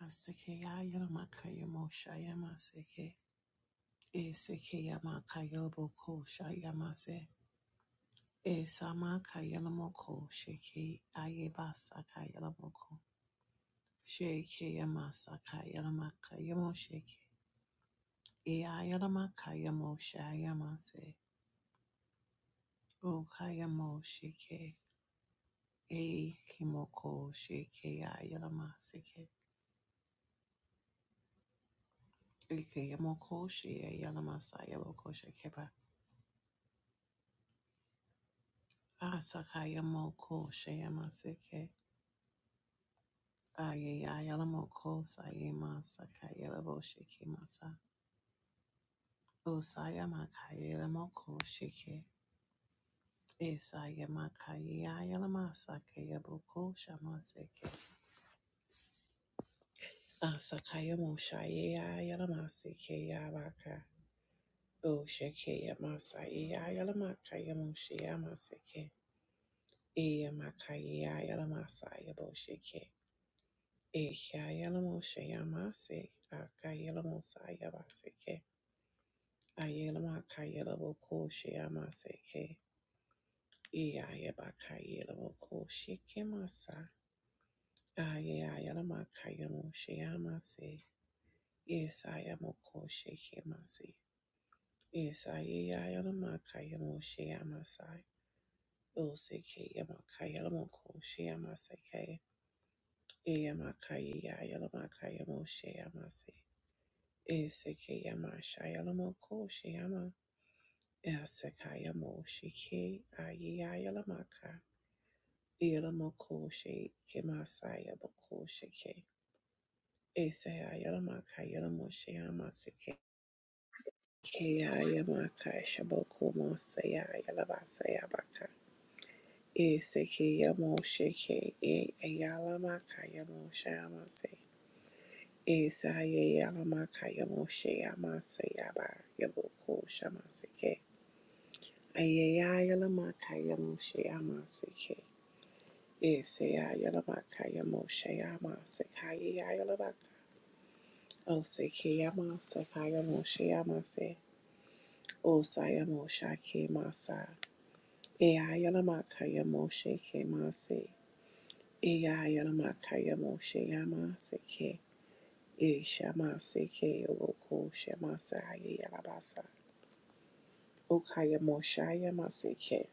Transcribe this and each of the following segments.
Asekeyayalamakayamoshayamaseke. Esekeyamakayabokoshayamase. Esamakayamoko sheke ayebasakayalamoko. Shekeyamasakayalamakayamoseke. Eyayalamakayamosayamase. Okayamosheke. Ekimoko shekeyayamaseke. Ekeyamoko sheyayamasayaboko shekeba. Asakayamoko Shayamaseke Ayayalamoko Sayama Sakayelabo Shikimasa Osayamakayelamoko Shike Esayamakayelamasa Shamaseke Asakayamo Shayayamaseke Yabaka O Shikeyamasa Yayalamakayamo Shayamaseke Eyamakayelamasa Yabo Shike Ehyayalamusha yamase, akayalamusa yabaseke, ayalamaka yalaboko shayamaseke, eyayabaka yalaboko shekemasa, ayayalamaka yamusha yamase, esayamoko shekemase, esayayalamaka yamusha yamasai, oseke yamaka yalamoko shayamaseke, eyamaka yayalamaka yamusha yamase. Esekeyama Shayalamo Ko Shayama Esekayamo Shike Ayayalamaka Yalamo Ko Shekemasaya Boko Shike Esayalamaka Yalamo Shayama Sike Kayamaka Shaboko Mosaya Yalabasaya Baka Esekeyamo Shike Ayalamaka Yamo Shayama Se Esayalamaka Yamo Shayama Sayaba Yaboko Shama Sike Ayayayalamakayamushayamasake. Isayayalamakayamushayamasakayayayalabaka. Osakeyamansakayamushayamasake. Osayamushakemasa. Eyayalamakayamosakemase. Eyayalamakayamoshayamasake. Eshamasake okoshamasayayalabasa. Okayamushayamasake.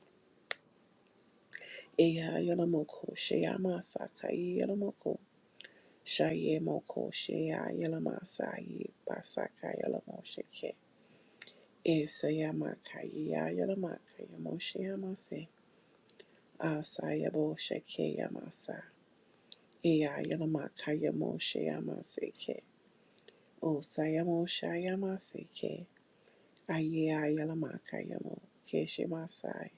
Eyayalamakoshayamasakayayalabaka. Shaye moko shea yelama sayi basaka yelamo sheke. Isayama kaya yelama kaya moshe yamase. Asayabo sheke yamasa. Iya yelama kaya moshe yamase ke. O sayamo shayamase ke. Aya yelama kaya mo keshe masai.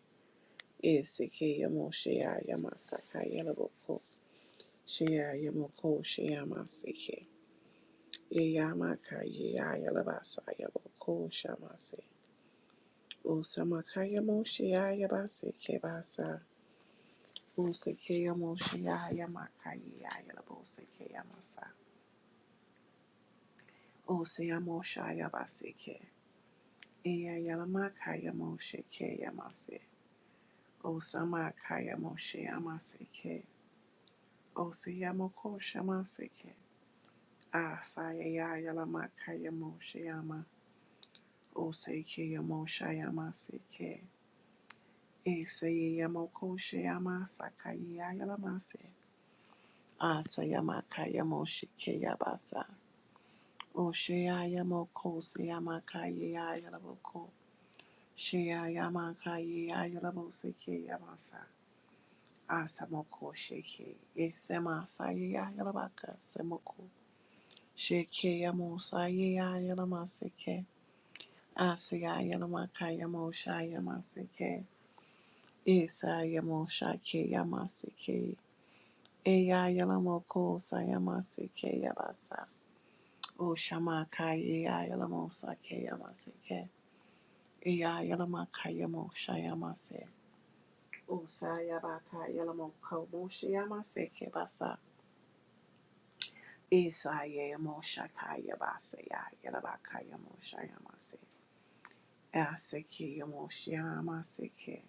Isike yamo shea yamasa kaya yelaboko. Shea yamoko shea masike. Yamakayayalabasaya boko Yeyamakayeyayalavasayavokoshamase. Usamakayamosheyayabasekebasa. Usekeyamosheyayamakayeyayalavosekeyamasa. Useyamoshayabasekhe. Eyayalamakayamoshekyeyamase. Usamakayamosheyamaseke. Useyamokoshamaseke. Asayayayalamakayamoshyama. Usekeyamoshayamaseke. Esayamokoshayamasakayayalamase. Asayamakayamoshikeyabasa. Oshayayamokosayamakayayalamoko. Shayayamakayayalamosekeyamasa. Asamokosheke. Esemasayayalamaka semoko. Shekeyamosayayalamaseke. Asayayalamakayamoshayamaseke. Esayamoshakeyamase. Eya yalamo ko sayama seke yabasa. O shama kai eya yalamo sake yamaseke. Eya yalama kayamo shayama se. O sayaba kai yalamo komo shayama seke basa. Isa yamo shakai yabasa ya yalaba kayamo shayama se. Aseke yamo shayama seke.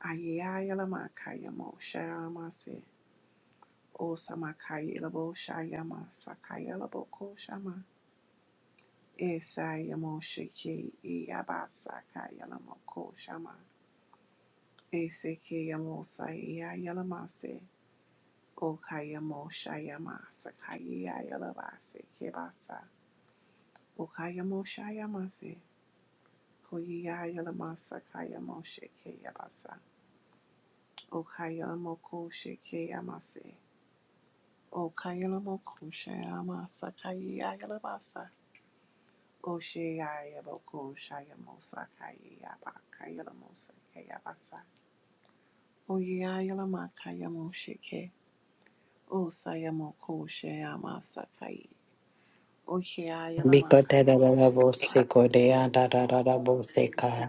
Aya yalama kayamo shayama se. O sama kai yalabo shayama sakayalabo ko shama. Esayamoshiki Iyabasaka Yalamoko Shama Eseke Yamosa Iya Yalamase Okayamo Shayama Sakaya Yalabase Kebasa Okayamo Shayamase Koya Yalamasa Kayamo Sheke Yabasa Okayalamoko Sheke Yamase Okayalamoko Shayama Sakaya Yalabasa Oshaya Yaboko Shayamo Sakaya Yabaka Yalamose Kayabasa Oyeayalamaakayamosheke. Osayamokosheyamasakai. Because the da da da da bo se Oyeayalamaakayamosheyamasakai. ko da da da da bo se ka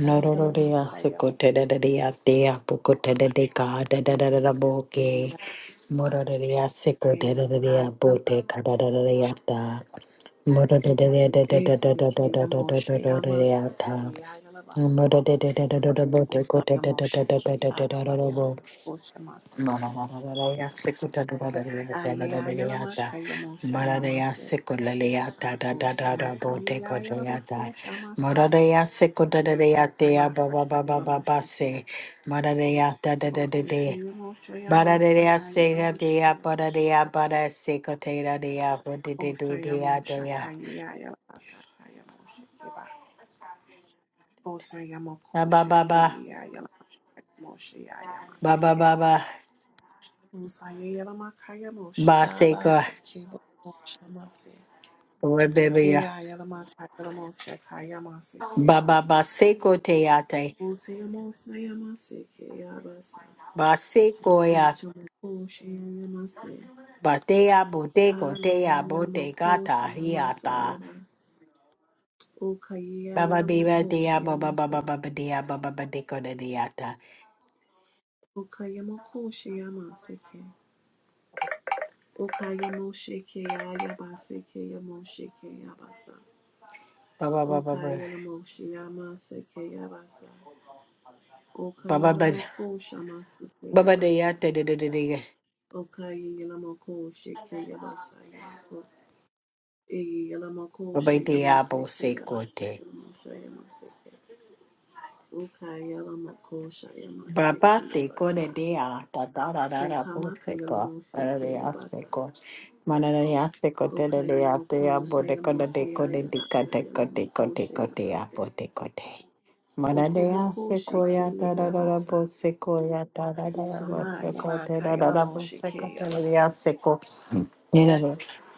noro da da da se ko da da da da te apu ko da da de ka da da da da da bo ke moro da da se ko da da da bo te ka da da da da moro da da da da da da da da da da moro Esekeyamosheyamasakayayalamaseke. da da bo te ko da da da da da Osayamosheke. da da da da bo. Asayabokoshyamaseke. Baba Ba ba ba Ayeayalamakayamoshyamase. Osamakayayalabokoshyamaseke. ba ba ba Oshamasakayalamosheke. se. Marareya da da O da da da. Sikia Moshe Marareya Amasakaya seka de ya Lamasaya bara de ya Bosheke. bara sekote da de ya bo de O de de de ya Sayamo de ya. Shakaya Yalasakaya Moshekeba. O Ba Sayamoko ba ba ba Shekaya Moshe ba ba Ayamaseke. ba ba O Sayalamakaya Moshe ba seko Abasekebo Shamase. rebebia. Ea Yalamakaya Moshe Kayamaseke Ba ba Basa. ba seko teate. O Sayamo Shayamaseke Abasa. O Ba Shamoko Shayamase. Batea bote kotea Aya bote Yalamoko gata hiata. Shayamasayaba. O Okaya Baba biba Yalamoko dea baba Shayamase. baba baba dea baba badeko de deata. Okayamoko Shayamaseke. Okayamo Sheke Yabaseke Yamo Sheke Yabasa. Baba baba baba Okayalamo Shayamaseke Yabasa. baba Okayalamoko Shamaseke baba Yabasa. deata de de de de. Okayalamoko Sheke Yabasa Yamoko. Eyalamoko Baba dea bo Shayamaseke Yabasa. se Yamo Shayamaseke. Okayalamoko Baba Shayamaseke te kore Yabasa. dea, da da da da O da bu Okamaka se ko, Yalamoshe da da da se Kayabasa. ko, mana da da se ko te da da te a Okayamoko bo de ko da de Sayamoshe ko de di ka Ayabaka te ko te ko Yalamoko te ko te a Shayamase. bo te ko te. Mana da da Okomoko se ko ya da Sheke da da da Yabasa. bu se ko ya da da da da bu Usama se ko te Yabaka da da da bu Yalamoshe se ko te Kayaba. da da se ko. Ni da da.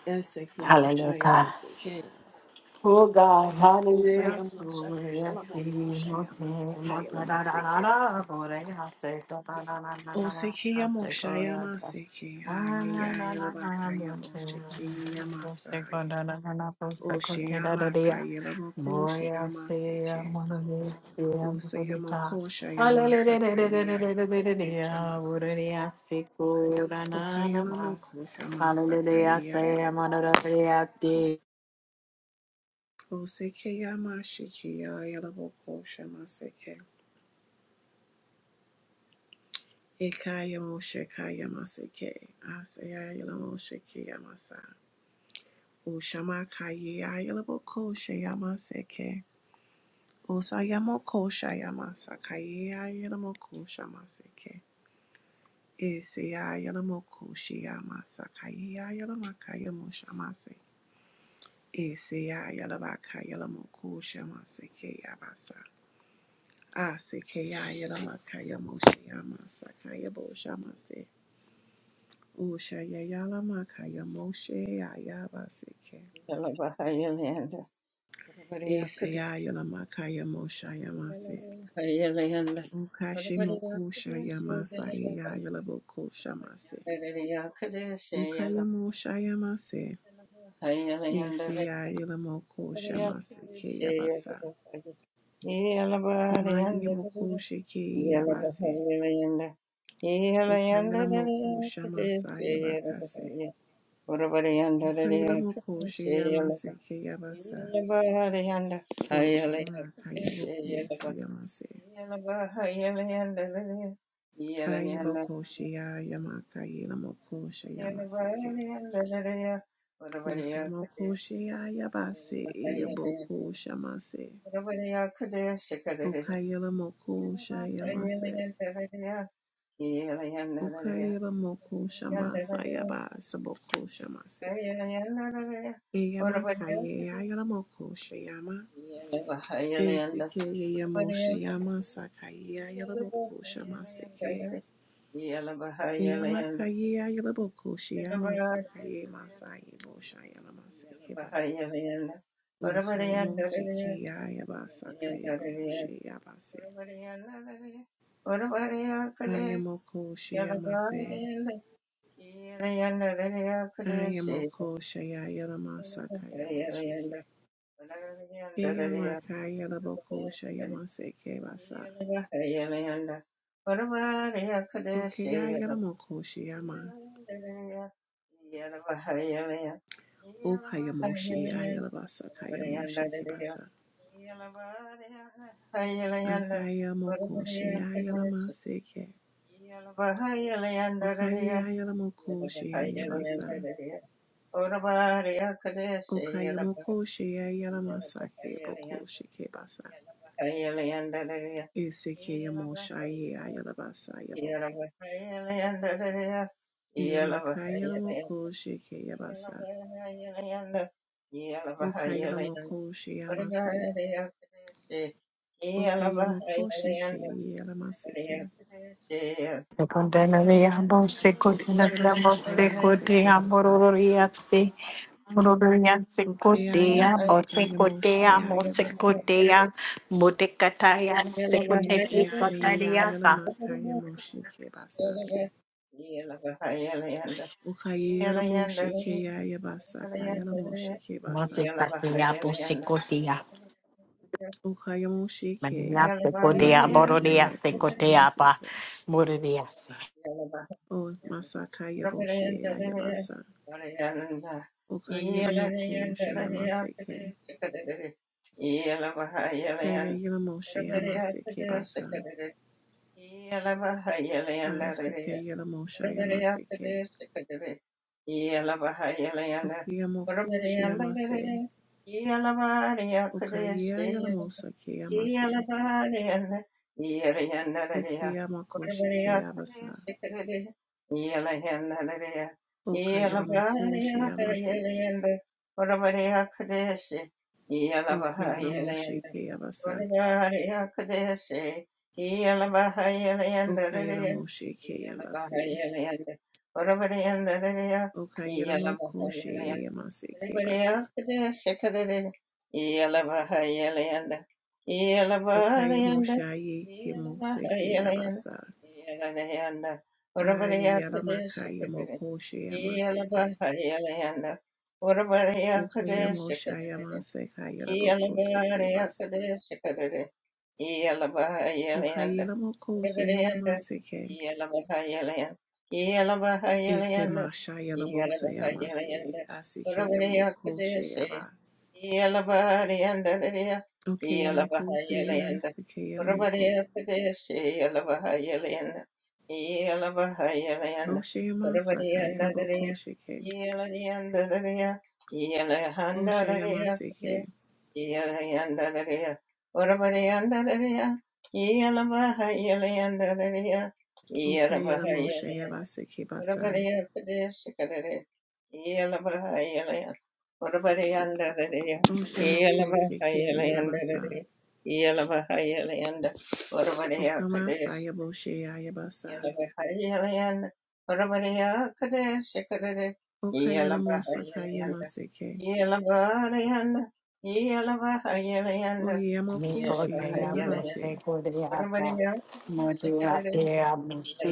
Esekimo Hallelujah. Shayamase Kayabasa. Oh God, hallelujah, Osayamosha hallelujah. Yalamoko Hallelujah, Shayamasa Kayalamose Keba. Osekiyamo Shayamase Kayayalabaka Yamoshe Kayamasa. Oshayamaka Yalamoko Shayamase Kay. Osayamakoshayamamasakayayarabokoshamase. hallelujah. Okayamakoshamamasakayayarabokoshe. hallelujah, Osekeyamashikiyayarabokoshamaseke. Ekayamoshekayamaseke. Asayayaramoshekiyamasa. Oshamakayayarabokoshayamaseke. seke. Osayamokoshayamasakayayalamokoshama seke. Eseya yalamoko shiyama sakaya yalamaka yamoshamase. Eseya yalabaka yalamoko shamase keyabasa. Asekeya yalamaka yamoshiyama sakaya boshamase. Ushaya yalamaka yamoshe yayabaseke. Yalabahayalanda, Urabariakade, Eseya yalamaka yamoshayamase. Yalabahayalayanda, Ukashimoko Urabariakade, shayamasa yayalaboko shamase. Yalabahayalayakade, Ukayamo shayamase. Yalabahayalayanda, Urabariakade, Isiya Yelamoko Shamasiki Yabasa. Yalabahayalayanda, Umagi Yamoko Shiki Yabase. Yalabahayalayanda, Yalayanda, Ukayelamoko Yalakade, Shamasa Yabakase. Yalabahaya, Urabarianda, Ukayelamoko Yalakade, Shayamasiki Yabasa. O Shama Kayaboko Shayamase. Ayaboko Shaya Yamaka Yelamoko Shayamasiki. Usamoko Shaya Yabase Yaboko Shamase. Yeah. Ukayelamoko Shayamase. Ukayaba moko shama sayaba saboko shama se. Eyama kaye ayala moko shayama. Eseke yamo shayama sakaye ayala moko shama seke. Yeah. Eyama kaye ayala moko shayama sakaye masaye bo shayala maseke ba. Usayamo shiki ayaba sakaye lamo shayaba se. Ayamoko shayama se. Ayamoko shayayala masakayamo shiki. Yeyamaka Yelabokosha Yamase Kebasa. Okaya Yelamokoshi Yeah. Yama. Okayamoshi Ayelabasa Kayamoshi Kebasa. Akayamokoshi Ayelamase Ke. Okaye Ayelamokoshi Ayabasa. Okayamokoshi Ayelamasake Bokoshi Kebasa. Eseke Yamosha Ayelabasa Yaboko. Yamaka Yelamokoshi Kebasa. Yeah. Okayamokoshi Yamase. Okayamokosheke yelamaseke. Secondary Abose Cotina Okoyamosha Bose yamaseke Cotea basa. Mororiasi Mororia Secotea Okayamaka Bose yamoshe Cotea Mose yayabase. Cotea Motecataya Secotea Eseke Cotariata yayalamaka yamosheke basa. Okayelamosheke yayabasa kayelamosheke basa. Motecataya Bose Cotea Okayamosheke Mania Yeah. Secodea yese Bororia yayelamokoshe Secoteapa maseke. Mororiasi O masaka yaboshe yayabasa. Okayelamokoshe yamaseke. Yayayelamoshe yamaseke basa. Aiseke Yelamosha Yamaseke. Okiyamoko Shiyamase. Okaya Yelamosa Yeah. Kiyamase. Okiyamakoshi Kiyabasa. Okayelamoko Shiyamaseke. Okayelamoshe Kiyabasa. Okayelamoshe Kiyabase. Okayelamoko Shiyamase Anybody Kiyabasa. else could just shake it in. Yelavaha Yelayanda. Yelavaha Yanda. Okayamosha Yikimose Yelavaha Yelayanda. Kiyabasa. Yelayanda. Whatever they are could just Ayelamaka shake it Yamoko in. Shiyamase K. Yelavaha Yelayanda. Whatever they are could just Okayamo shake it Shayama Seka in. Yelaboko Sheke Basa. Yelavaha Yelabahayalayanda, Okayelamo Kose Yama Seke. Yelabahayalayanda, Ese Yelabahayalayanda, Masha Yelabahayalayanda, Yelabo Sayama Se. Yelabahayalayanda, Asike Yamoko Urabadiyakadeshe, Sheyaba. Yelabadiyanda, Okayamo Kose Yelabahayalayanda, Asike Yelamoko. Urabadiyakadeshe, Yelabahayalayanda, Yelabahayalayanda, Oshayama Saka Urabadiyanda, Yelaboko Sheke. Yeladiyanda, Oshayama Yelahanda, Seke. yeah. Okayelamo Shayaba Seke Basa. Oshemoko Sheke Yelabasa. Okama Sayabo Sheyabasa. Yelabahayalayanda, Orabariyakadeshakadade, Okayelamo Saka Yama Yelabahayalayanda, Seke. Yelabarayanda, Yelabahayalayanda, Oyeyamakosheye Nicotea Yelabahayalayanda, Bose yalabase. Codeapa Morea Orabariyakadeshakadade, Dea Mose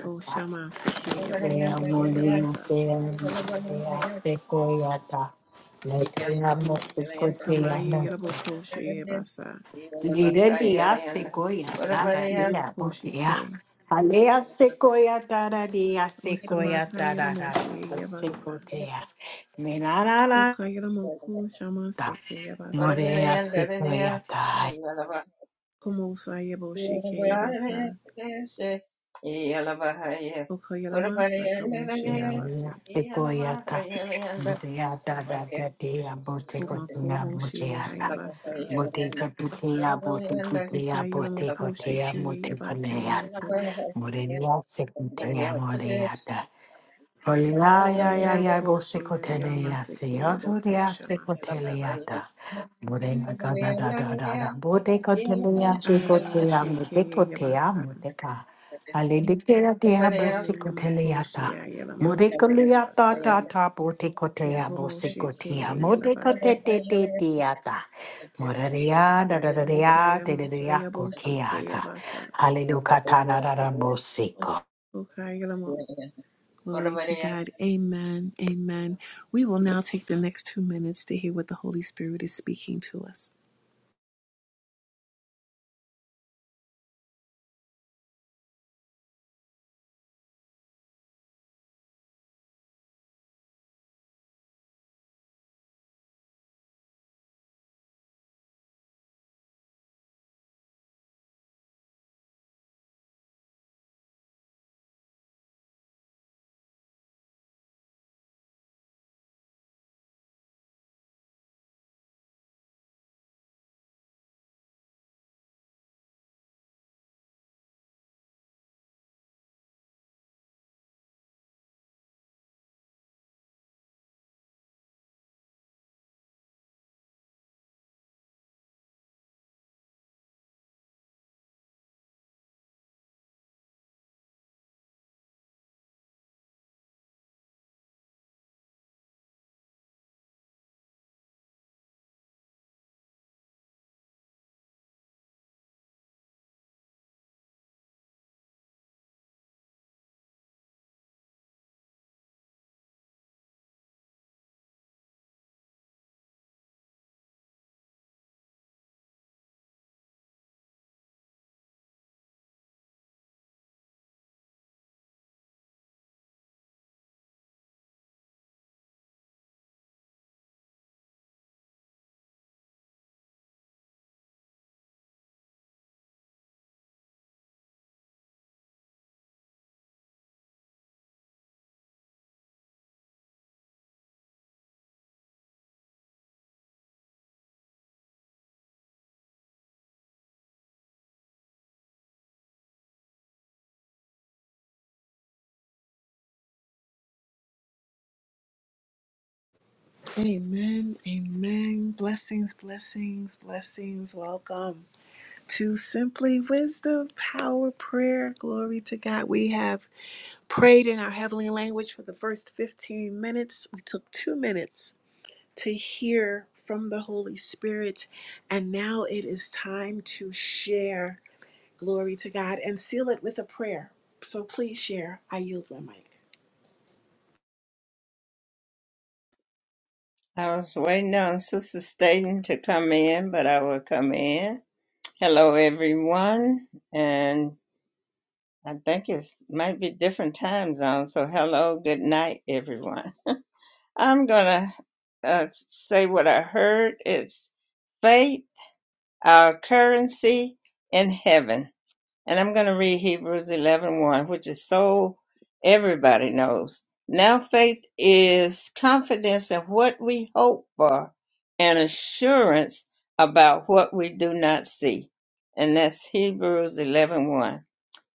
O shamaseke yabo Kea sheke Yelabahayalayanda, moria yabasa. sea moria sequoia ta. Letria O Yelabahayalayanda, mosukotea kamaye no. yalabokoshe Orabariyakadeshakadade, yabasa. Lire dia Yelabahayalayanda, sequoia da O Orabariyakadeshakadade, dia botea. kiyamokosheke. Alea sequoia da da dia O sequoia samaka da da da. yalamoshe yabasa. Sequoia. O Menarara Yelabahayalayanda, kayalamoku da. shamaseke yabasa. Morea sequoia Komosa yabo sheke yabasa. O kayalamasa kamoshe yabase. Sequoiata, Muteata, that day, I both O take a thing, mako I both moshe say, yabasa. Muteka putea, O botecutea, botecotea, kayalamokosheke yabasa muteconea, yamoko. Morelia, secutea, moreata. Ya ya ya ya bo Ayamokosha sikotele ya si Yamaseke ato de ya Yabokosha sikotele Masayaba. ya ta. Bode na ka da da da da da. Bode kotele ya sikote ya mute Ayamosheke kote ya Yabasa. mute ka. Yeah. Ale de kera de ya Everybody bo else, sikotele ya ta. Ayamokosha Bode yeah, but Yamaseke kole I'm ya saying ta Yabasa. they ta end ta bode up- they kote end up ya bo with sikote ya Okomosheke mute kote I'm Yabase. te saying? te They end te up ya ta. with this. Mora de ya da So, da da de but, ya te de de ya you know, koke Okayamasayabosheke ya ka. Yabasa. Ale they do ka ta da da da bo siko. Okayamo. Glory to God. Amen. Amen. We will now take the next two minutes to hear what the Holy Spirit is speaking to us. Amen. Amen. Blessings, blessings, blessings. Welcome. to Simply Wisdom Power Prayer. Glory to God. We have prayed in our heavenly language for the first 15 minutes. We took two minutes to hear from the Holy Spirit, and now it is time to share. Glory to God and seal it with a prayer. So please share. I yield my mic. I was waiting on Sister Staten to come in, but I will come in. Hello, everyone, and I think it's might be different time zones, So, hello, good night, everyone. I'm gonna uh, say what I heard. It's faith. our currency in heaven. And I'm going to read Hebrews 11 one, which is so everybody knows. Now, faith is confidence in what we hope for and assurance about what we do not see. And that's Hebrews 11 one.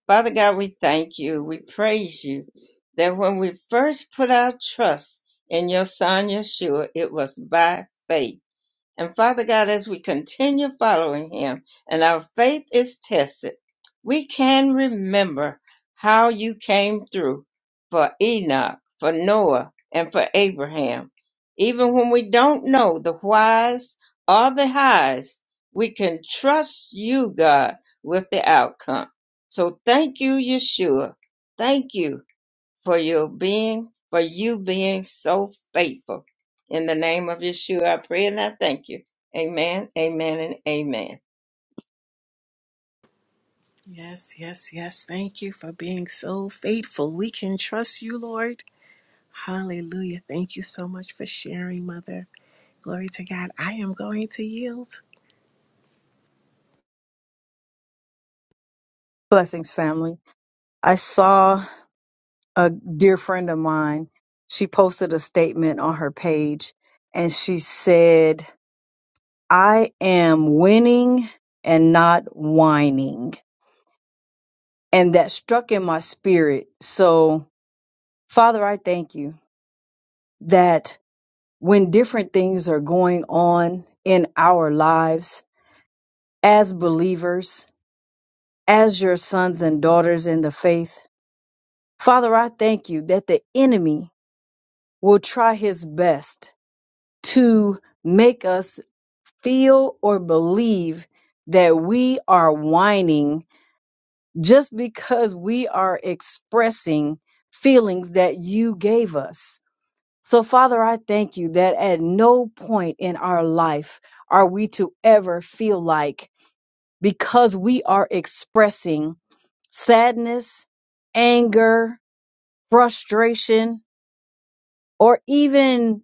Father God, we thank you. We praise you that when we first put our trust in your son Yeshua, it was by faith and Father God, as we continue following Him and our faith is tested, we can remember how you came through for Enoch, for Noah, and for Abraham. Even when we don't know the whys or the highs, we can trust you, God, with the outcome. So thank you, Yeshua. Thank you for your being, for you being so faithful. In the name of Yeshua, I pray and I thank you. Amen, amen, and amen. Yes, yes, yes. Thank you for being so faithful. We can trust you, Lord. Hallelujah. Thank you so much for sharing, Mother. Glory to God. I am going to yield. Blessings, family. I saw a dear friend of mine. She posted a statement on her page and she said, I am winning and not whining. And that struck in my spirit. So, Father, I thank you that when different things are going on in our lives as believers, as your sons and daughters in the faith, Father, I thank you that the enemy will try his best to make us feel or believe that we are whining just because we are expressing feelings that you gave us. So, Father, I thank you that at no point in our life are we to ever feel like because we are expressing sadness, anger, frustration, or even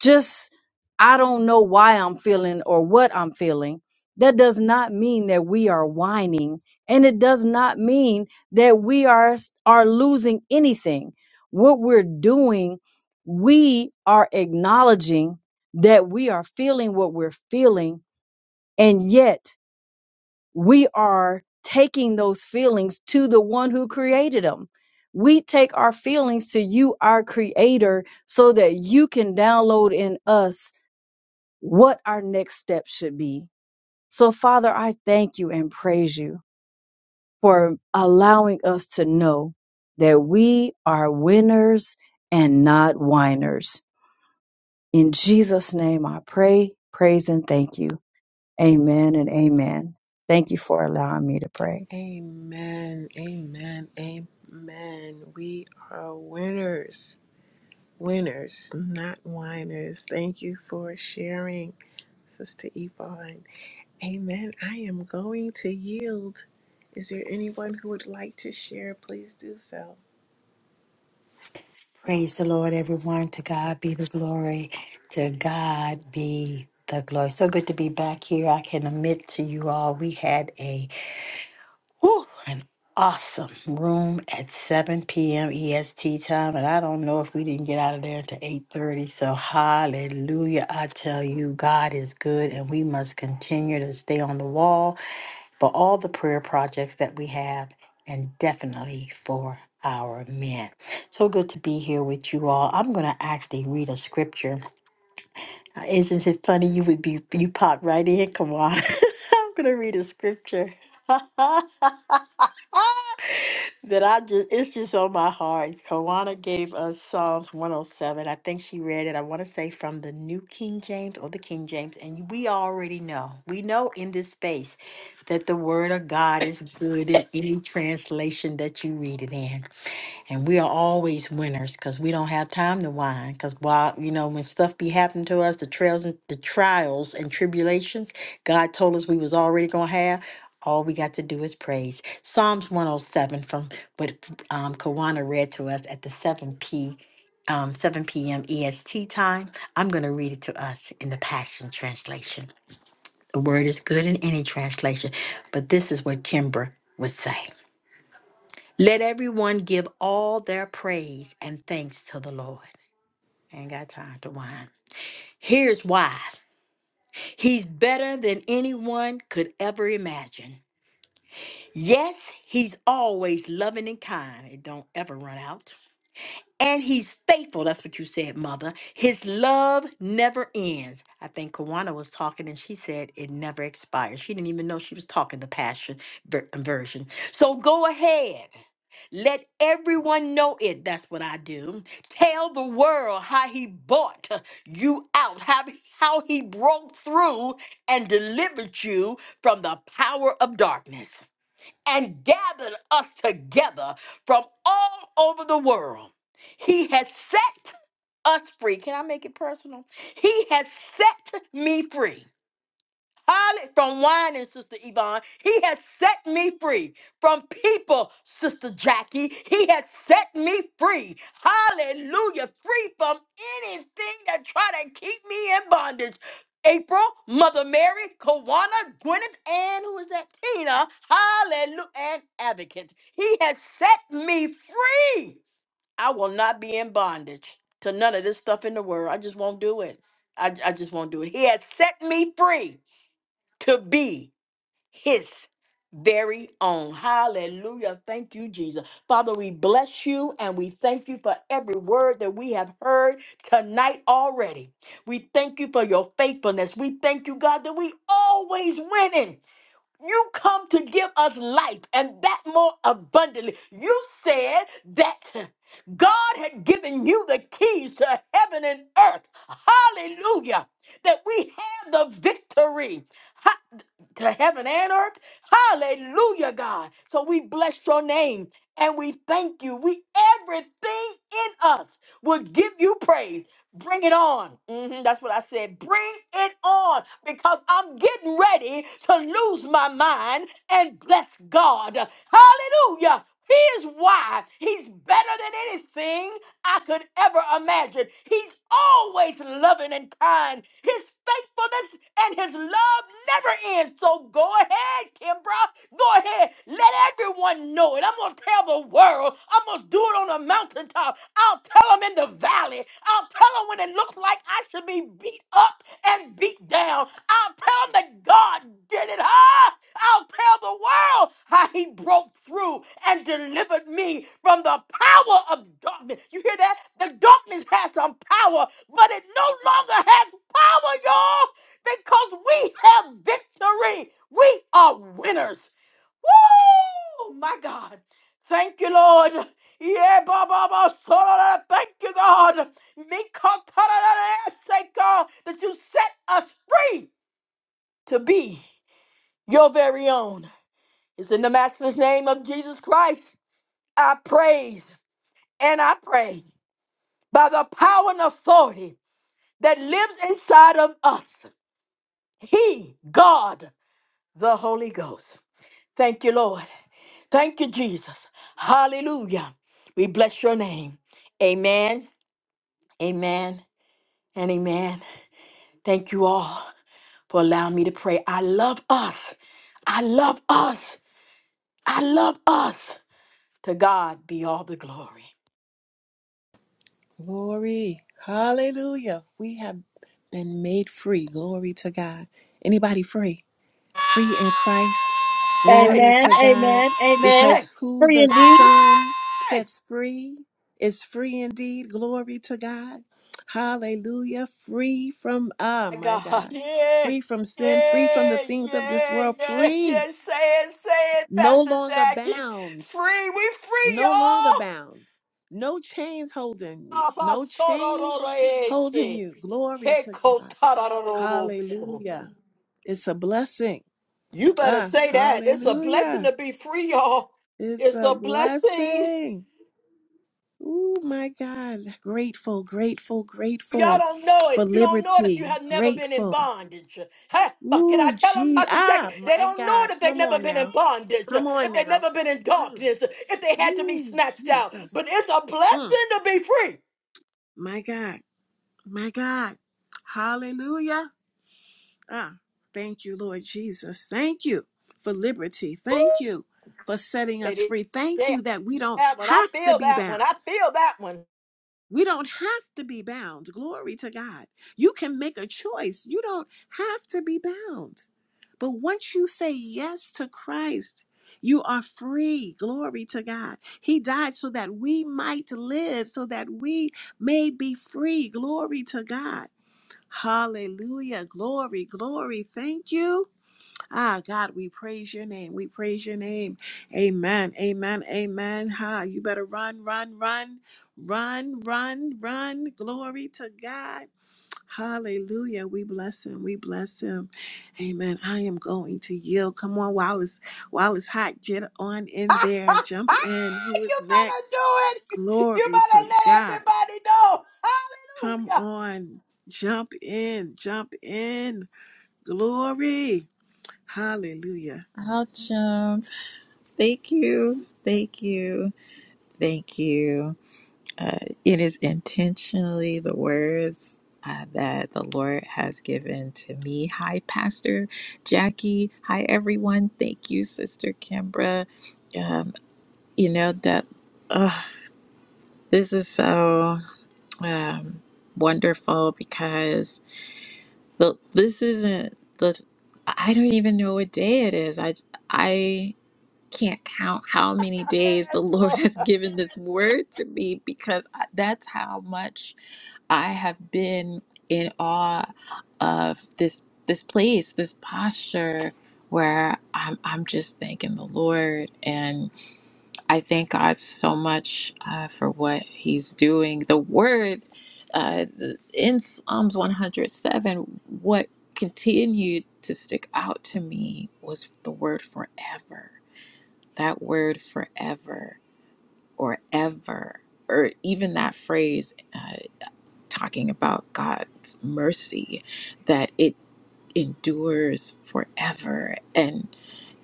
just I don't know why I'm feeling or what I'm feeling. That does not mean that we are whining, and it does not mean that we are are losing anything. What we're doing, we are acknowledging that we are feeling what we're feeling, and yet we are taking those feelings to the one who created them. We take our feelings to you, our creator, so that you can download in us what our next step should be. So, Father, I thank you and praise you for allowing us to know that we are winners and not whiners. In Jesus' name, I pray, praise, and thank you. Amen and amen. Thank you for allowing me to pray. Amen. Amen. Amen. We are winners. Winners, not whiners. Thank you for sharing, Sister Yvonne. Amen. I am going to yield. Is there anyone who would like to share? Please do so. Praise the Lord, everyone. To God be the glory. To God be the glory. So good to be back here. I can admit to you all, we had a whew, an awesome room at 7 p.m. EST time, and I don't know if we didn't get out of there until 8:30. So hallelujah! I tell you, God is good, and we must continue to stay on the wall for all the prayer projects that we have, and definitely for our men. So good to be here with you all. I'm going to actually read a scripture. Uh, Isn't it funny? You would be, you pop right in. Come on. I'm going to read a scripture. that I just it's just on my heart. Kawana gave us Psalms 107. I think she read it, I want to say from the New King James or the King James. And we already know. We know in this space that the word of God is good in any translation that you read it in and we are always winners because we don't have time to whine. Because while you know when stuff be happening to us, the trails and the trials and tribulations God told us we was already gonna have. All we got to do is praise. Psalms 107 from what um, Kawana read to us at the 7 p. Um, 7 p m. E S T time. I'm going to read it to us in the Passion Translation. The word is good in any translation, but this is what Kimbra would say. Let everyone give all their praise and thanks to the Lord. ain't got time to whine. Here's why He's better than anyone could ever imagine. Yes, He's always loving and kind. It don't ever run out and he's faithful. That's what you said, mother. His love never ends. I think Kawana was talking and she said it never expires. She didn't even know she was talking the passion ver- um, version. So go ahead. Let everyone know it. That's what I do. Tell the world how he bought you out, how, how he broke through and delivered you from the power of darkness and gathered us together from all over the world. He has set us free. Can I make it personal? He has set me free. Holly from whining, Sister Yvonne. He has set me free from people, Sister Jackie. He has set me free. Hallelujah. Free from anything that try to keep me in bondage. April, Mother Mary, Kawana, Gwyneth, and who is that? Tina. Hallelujah. And advocate. He has set me free. I will not be in bondage to none of this stuff in the world. I just won't do it. I, I just won't do it. He has set me free to be his very own. Hallelujah. Thank you, Jesus. Father, we bless you and we thank you for every word that we have heard tonight already. We thank you for your faithfulness. We thank you, God, that we always winning. You come to give us life and that more abundantly. You said that God had given you the keys to heaven and earth. Hallelujah. That we have the victory ha- to heaven and earth. Hallelujah, God. So we bless your name and we thank you. We everything in us will give you praise. Bring it on. Mhm, that's what I said. Bring it on because I'm getting ready to lose my mind and bless God. Hallelujah. Here's why He's better than anything. I could ever imagine. He's always loving and kind. His faithfulness and his love never ends. So go ahead, Kimbra. Go ahead. Let everyone know it. I'm going to tell the world. I'm going to do it on the mountaintop. I'll tell them in the valley. I'll tell them when it looks looks like I should be beat up and beat down, I'll tell them that God did it, huh? I'll tell the world how he broke through and delivered me from the power of darkness. You hear that? The darkness has some power, but it no longer has power, y'all, because we have victory. We are winners. Woo! My God. Thank you, Lord. Yeah, Baba, Baba, Thank you, God. Mikotararaseko, that you set us free to be your very own. It's in the matchless name of Jesus Christ. I praise and I pray by the power and authority that lives inside of us. He, God, the Holy Ghost. Thank you, Lord. Thank you, Jesus. Hallelujah. We bless your name. Amen, amen, and amen. Thank you all. for allowing me to pray. I love us. I love us. I love us. To God be all the glory. Glory. Hallelujah. We have been made free. Glory to God. Anybody free? free in Christ. Hey! Glory to God. Hey! Because who the Son Hey! sets free is free indeed. Glory to God. Hallelujah. Free from, ah, My my God, God. yeah, Free from sin, free from the yeah, things of this yeah, world, yeah, yeah. free, Say it, say it, no Pastor longer Jackie. bound, Free, we free, no longer y'all. bound, no chains holding you, no chains holding Abasorororoeke. you. Glory to God. Hekotararorobo. Hallelujah. It's a blessing. You better Ah, say that. It's a hallelujah. blessing to be free, y'all. It's It's a a blessing. blessing. Oh my God. Grateful, grateful, Y'all grateful don't know for it. You don't know it if you liberty. have never been in Grateful. bondage. Huh? But can I Ooh, tell them, gee. Pastor Jackie? Ah, They my don't know it God. if they've Come never on been in now. bondage, Come if on they've now. never been in Mm. darkness, if they had to be Ooh, snatched out. But Jesus. it's a Mm. blessing to be free. My God. My God. Hallelujah. Ah, thank you, Lord Jesus. Thank you for liberty. Thank you for setting us Lady, free. Thank yeah, you that we don't that one. I have to feel be that one. I bound. feel that one. We don't have to be bound. Glory to God. You can make a choice. You don't have to be bound. But once you say yes to Christ, you are free. Glory to God. He died so that we might live, so that we may be free. Glory to God. Hallelujah. Glory, glory. Thank you. Ah, God, we praise your name. We praise your name. Amen. Amen. Amen. Ha, you better run, run, run, run, run, run. Glory to God. Hallelujah. We bless him. We bless him. Amen. I am going to yield. Come on, while it's while it's hot, get on in there. Jump in. Who you is better do next? it. You Glory better to let God. everybody know. Come Hallelujah. on. Jump in. Jump in. Glory. Hallelujah. I'll jump. Thank you. Thank you. Thank you. Uh, it is intentionally the words uh, that the Lord has given to me. Hi, Pastor Jackie. Hi, everyone. Thank you, Sister Kimbra. Um, you know, that uh, this is so um, wonderful because the, this isn't the, I don't even know what day it is. I, I, can't count how many days the Yes, Lord Lord. has given this word to me because I, that's how much I have been in awe of this this place, this posture where I'm I'm just thanking the Lord and I thank God so much uh, for what He's doing. The word uh, in Psalms 107, what continued to stick out to me was the word forever that word forever or ever, or even that phrase uh, talking about God's mercy, that it endures forever and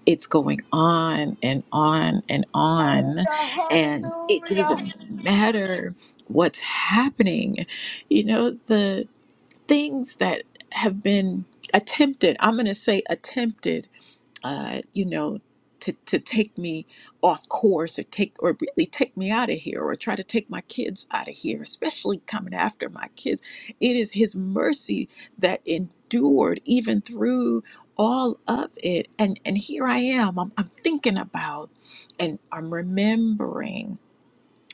it's going on and on and on and it Hallelujah. doesn't matter what's happening you know the things that have been attempted i'm going to say attempted uh, you know, to, to take me off course or take or really take me out of here or try to take my kids out of here, especially coming after my kids. It is his mercy that endured even through all of it. And and here I am. I'm, I'm thinking about and I'm remembering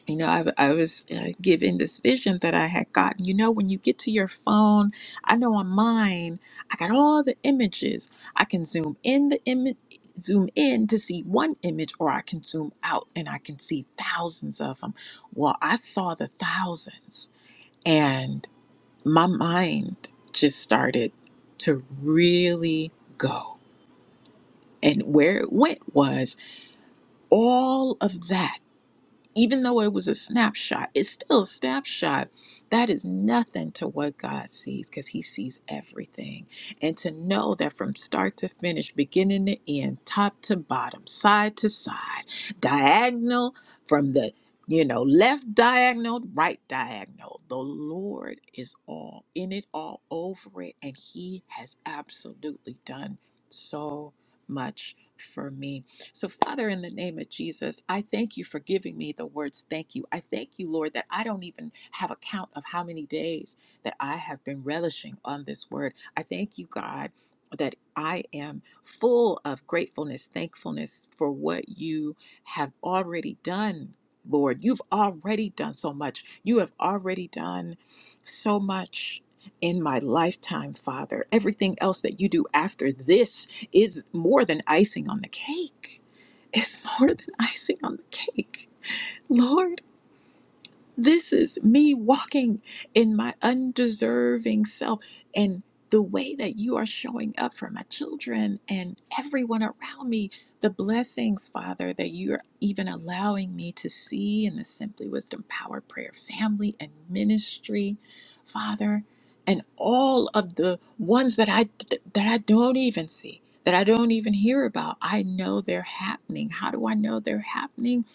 you know, I, I was uh, given this vision that I had gotten. You know, when you get to your phone, I know on mine, I got all the images. I can zoom in the image, zoom in to see one image, or I can zoom out and I can see thousands of them. Well, I saw the thousands, and my mind just started to really go. And where it went was all of that even though it was a snapshot, it's still a snapshot. That is nothing to what God sees because He sees everything. And to know that from start to finish, beginning to end, top to bottom, side to side, diagonal from the you know, left diagonal, right diagonal. The Lord is all in it, all over it, and He has absolutely done so much for me. So, Father, in the name of Jesus, I thank you for giving me the words thank you. I thank you, Lord, that I don't even have a count of how many days that I have been relishing on this word. I thank you, God. That I am full of gratefulness, thankfulness for what you have already done, Lord. You've already done so much. You have already done so much in my lifetime, Father. Everything else that you do after this is more than icing on the cake is more than icing on the cake. Lord, this is me walking in my undeserving self and the way that you are showing up for my children and everyone around me. The blessings, Father, that you are even allowing me to see in the Simply Wisdom Power Prayer family and ministry, Father, and all of the ones that I that I don't even see, that I don't even hear about. I know they're happening. How do I know they're happening?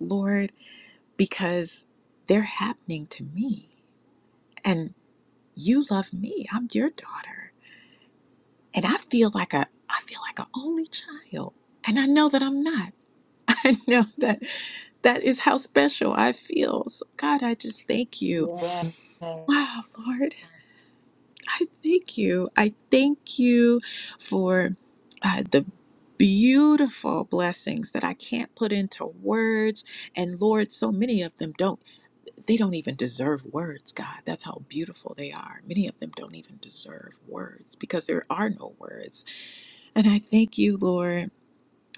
Lord, because they're happening to me and you love me i'm your daughter and i feel like a i feel like an only child and i know that i'm not i know that that is how special i feel so god i just thank you Yes. wow lord i thank you i thank you for uh, the beautiful blessings that i can't put into words and lord so many of them don't they don't even deserve words, God. That's how beautiful they are. Many of them don't even deserve words because there are no words. And I thank you, Lord.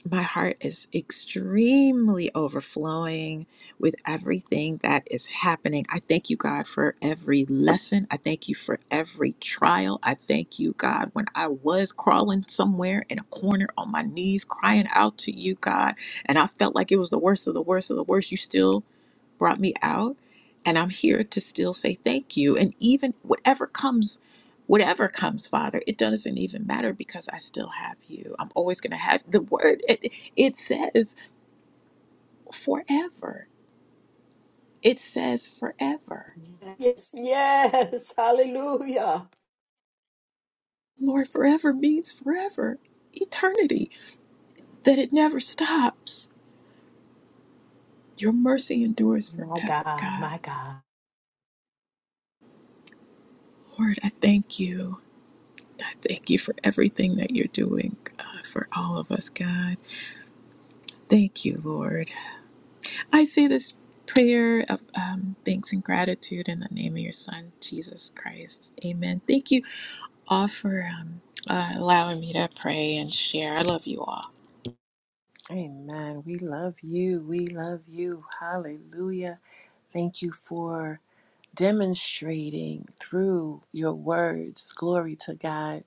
My heart is extremely overflowing with everything that is happening. I thank you, God, for every lesson. I thank you for every trial. I thank you, God, when I was crawling somewhere in a corner on my knees, crying out to you, God, and I felt like it was the worst of the worst of the worst. You still brought me out and i'm here to still say thank you and even whatever comes whatever comes father it doesn't even matter because i still have you i'm always going to have the word it, it says forever it says forever Yes, yes. Hallelujah. lord forever means forever eternity that it never stops your mercy endures My forever God, god my God. lord i thank you i thank you for everything that you're doing uh, for all of us god Thank you, Lord. I say this prayer of um, thanks and gratitude in the name of your Son, Jesus Christ. Amen. Thank you all for um, uh, allowing me to pray and share. I love you all. Amen. We love you. We love you. Hallelujah. Thank you for demonstrating through your words, glory to God,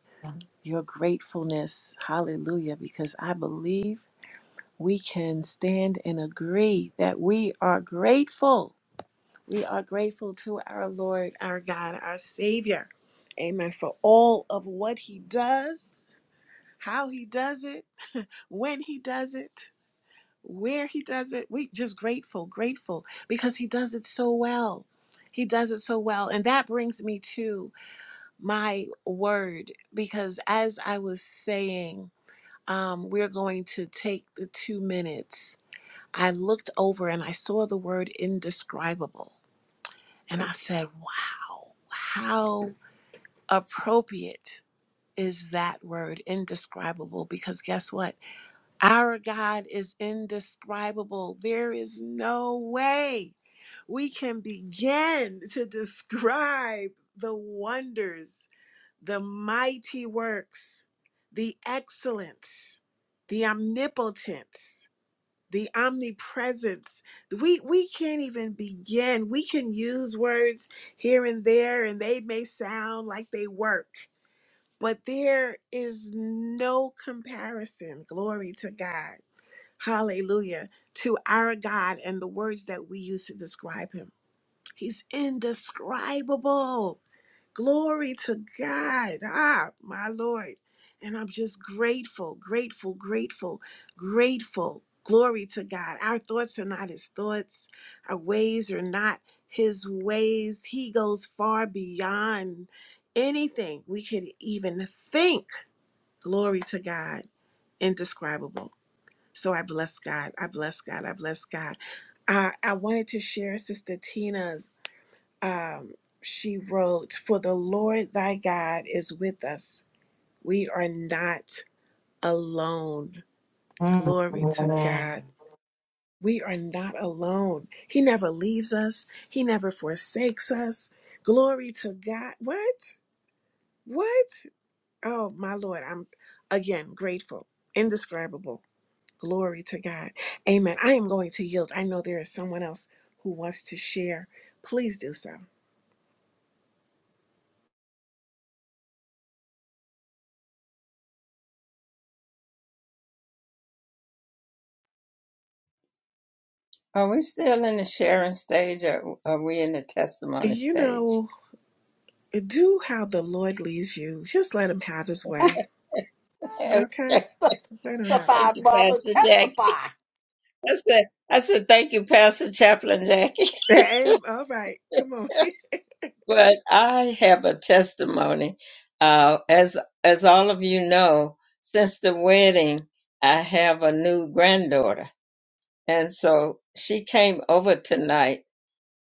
your gratefulness. Hallelujah. Because I believe we can stand and agree that we are grateful. We are grateful to our Lord, our God, our Savior. Amen. For all of what He does, how He does it, when He does it where he does it we just grateful grateful because he does it so well he does it so well and that brings me to my word because as i was saying um, we're going to take the two minutes i looked over and i saw the word indescribable and i said wow how appropriate is that word indescribable because guess what our God is indescribable. There is no way we can begin to describe the wonders, the mighty works, the excellence, the omnipotence, the omnipresence. We we can't even begin. We can use words here and there and they may sound like they work, but there is no comparison. Glory to God Hallelujah. To our God and the words that we use to describe him. He's indescribable. Glory to God. Ah, my Lord. And I'm just grateful, grateful, grateful, grateful. Glory to God. Our thoughts are not his thoughts, our ways are not his ways. He goes far beyond anything we could even think. Glory to God. Indescribable. So I bless God. I bless God. I bless God. I, I wanted to share Sister Tina's. Um, she wrote, For the Lord thy God is with us. We are not alone. Mm. Glory to Amen. God. We are not alone. He never leaves us, He never forsakes us. Glory to God. What? What? Oh, my Lord. I'm again grateful, indescribable. Glory to God. Amen. I am going to yield. I know there is someone else who wants to share. Please do so. Are we still in the sharing stage or are we in the testimony You stage? know, do how the Lord leads you. Just let him have his way. Okay? Okay. Let him have his Testify, Thank you, way. mother. Pastor Jackie. Testify. I said, I said, thank you, Pastor Chaplain Jackie. Am- All right. Come on. But I have a testimony. Uh, as, as all of you know, since the wedding, I have a new granddaughter And so she came over tonight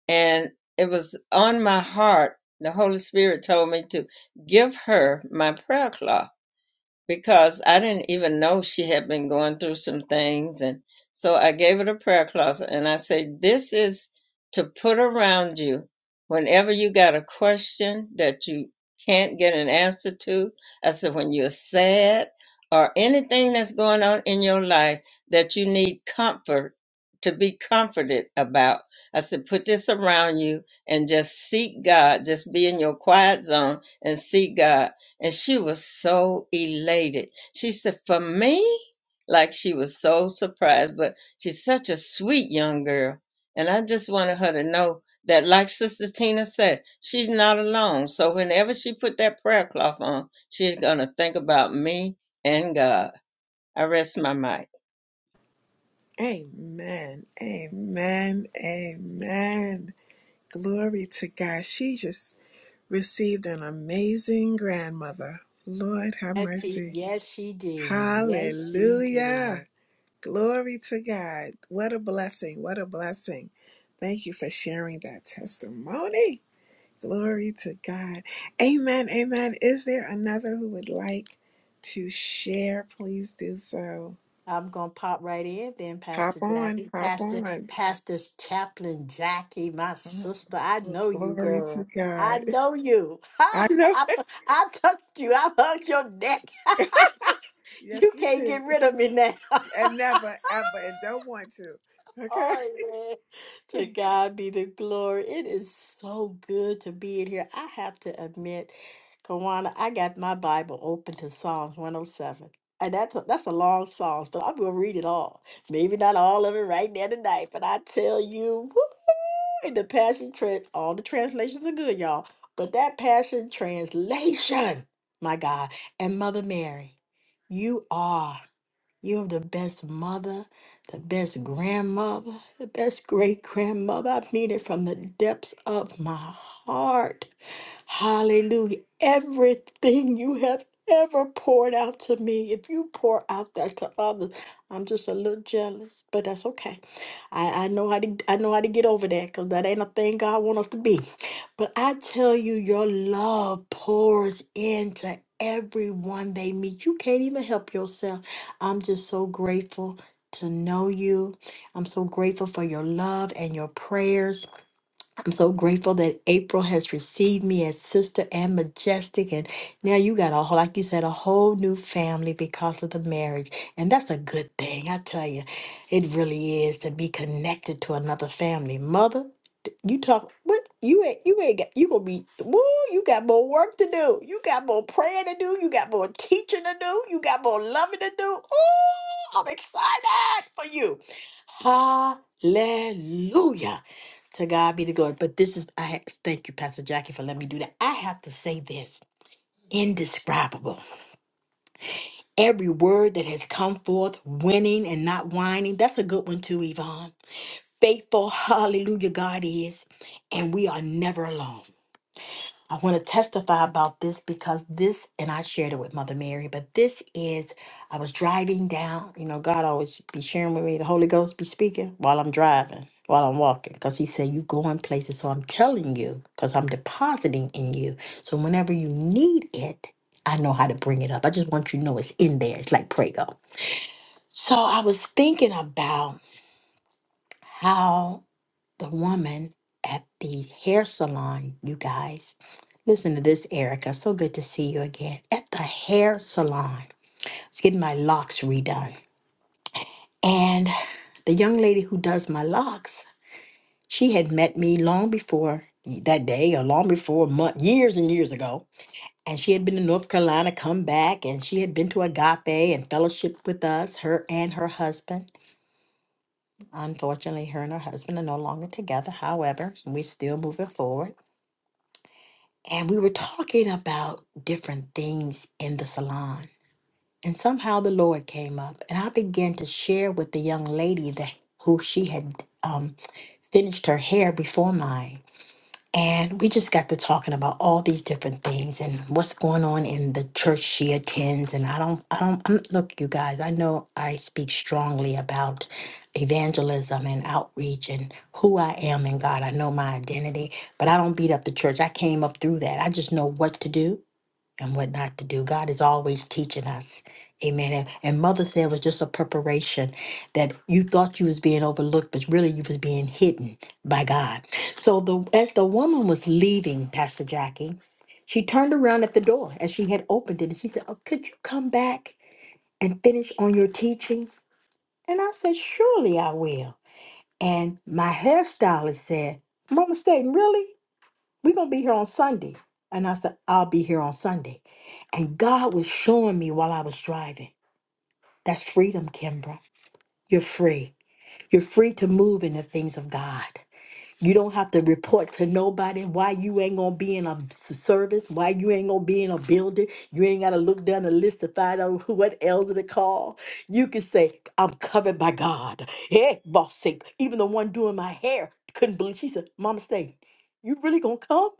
and it was on my heart. The Holy Spirit told me to give her my prayer cloth because I didn't even know she had been going through some things. And so I gave her the prayer closet and I said, This is to put around you whenever you got a question that you can't get an answer to. I said, When you're sad or anything that's going on in your life that you need comfort to be comforted about. I said, put this around you and just seek God. Just be in your quiet zone and seek God and she was so elated. She said, "For me?" Like she was so surprised, but she's such a sweet young girl, and I just wanted her to know that, like Sister Tina said, she's not alone. So whenever she put that prayer cloth on, she's gonna think about me and God. I rest my mic. Amen. Amen. Amen. Glory to God. She just received an amazing grandmother. Lord have Yes, he, mercy. yes, she did. Yes, she did. Hallelujah. Glory to God. What a blessing. What a blessing. Thank you for sharing that testimony. Glory to God. Amen. Amen. Is there another who would like to share? Please do so. I'm gonna pop right in then, Pop Pastor on. Jackie. Pop Pastor on. Pastor's Chaplain Jackie, my Oh, sister. I well, know you, glory to girl. I God. know you. I know. I, I touched you. I hugged your neck. you yes, you can't did. get rid of me now. And never, ever, and don't want to. Okay. Oh man! To God be the glory. It is so good to be in here. I have to admit, Kawana, I got my Bible open to Psalms 107. And that's a, that's a long Psalms, but I'm going to read it all. Maybe not all of it right there tonight, but I tell you, woo, in the Passion Trans, all the translations are good, y'all. But that Passion Translation, my God, and Mother Mary, you are. You're the best mother, the best grandmother, the best great grandmother. I mean it from the depths of my heart. Hallelujah. Everything you have ever poured out to me, if you pour out that to others, I'm just a little jealous, but that's okay. I, I know how to I know how to get over that because that ain't a thing God want us to be. But I tell you, your love pours into everyone they meet. You can't even help yourself. I'm just so grateful to know you. I'm so grateful for your love and your prayers. I'm so grateful that April has received me as sister and majestic. And now you got a whole, like you said, a whole new family because of the marriage. And that's a good thing. I tell you, it really is to be connected to another family. Mother, d- you talk, what? You ain't, you ain't got, you gonna be, woo, you got more work to do. You got more praying to do. You got more teaching to do. You got more loving to do. Ooh, I'm excited for you. Hallelujah. To God be the glory. But this is, I ha- thank you, Pastor Jackie, for letting me do that. I have to say this indescribable. Every word that has come forth, winning and not whining, that's a good one too, Yvonne. Faithful, hallelujah, God is, and we are never alone. I want to testify about this because this, and I shared it with Mother Mary, but this is, I was driving down. You know, God always be sharing with me, the Holy Ghost be speaking while I'm driving, while I'm walking, because He said, You going places. So I'm telling you, because I'm depositing in you. So whenever you need it, I know how to bring it up. I just want you to know it's in there. It's like Prego. So I was thinking about how the woman at the hair salon, you guys. Listen to this, Erica. So good to see you again at the hair salon. I was getting my locks redone. And the young lady who does my locks, she had met me long before that day or long before month, years and years ago. And she had been to North Carolina, come back, and she had been to Agape and fellowship with us, her and her husband. Unfortunately, her and her husband are no longer together. However, we're still moving forward. And we were talking about different things in the salon. And somehow the Lord came up, and I began to share with the young lady that who she had um, finished her hair before mine. And we just got to talking about all these different things and what's going on in the church she attends. And I don't, I don't, I'm, look, you guys, I know I speak strongly about evangelism and outreach and who I am in God. I know my identity, but I don't beat up the church. I came up through that. I just know what to do and what not to do. God is always teaching us. Amen. And, and mother said it was just a preparation that you thought you was being overlooked, but really you was being hidden by God. So the as the woman was leaving, Pastor Jackie, she turned around at the door as she had opened it and she said, Oh, could you come back and finish on your teaching? And I said, Surely I will. And my hairstylist said, Mama Staten, really? We're going to be here on Sunday. And I said, I'll be here on Sunday. And God was showing me while I was driving. That's freedom, Kimbra. You're free. You're free to move in the things of God. You don't have to report to nobody why you ain't gonna be in a s- service, why you ain't gonna be in a building. You ain't gotta look down the list to find out who- what elder to call. You can say, I'm covered by God. Hey, boss sake. Even the one doing my hair couldn't believe she said, Mama Stay, you really gonna come?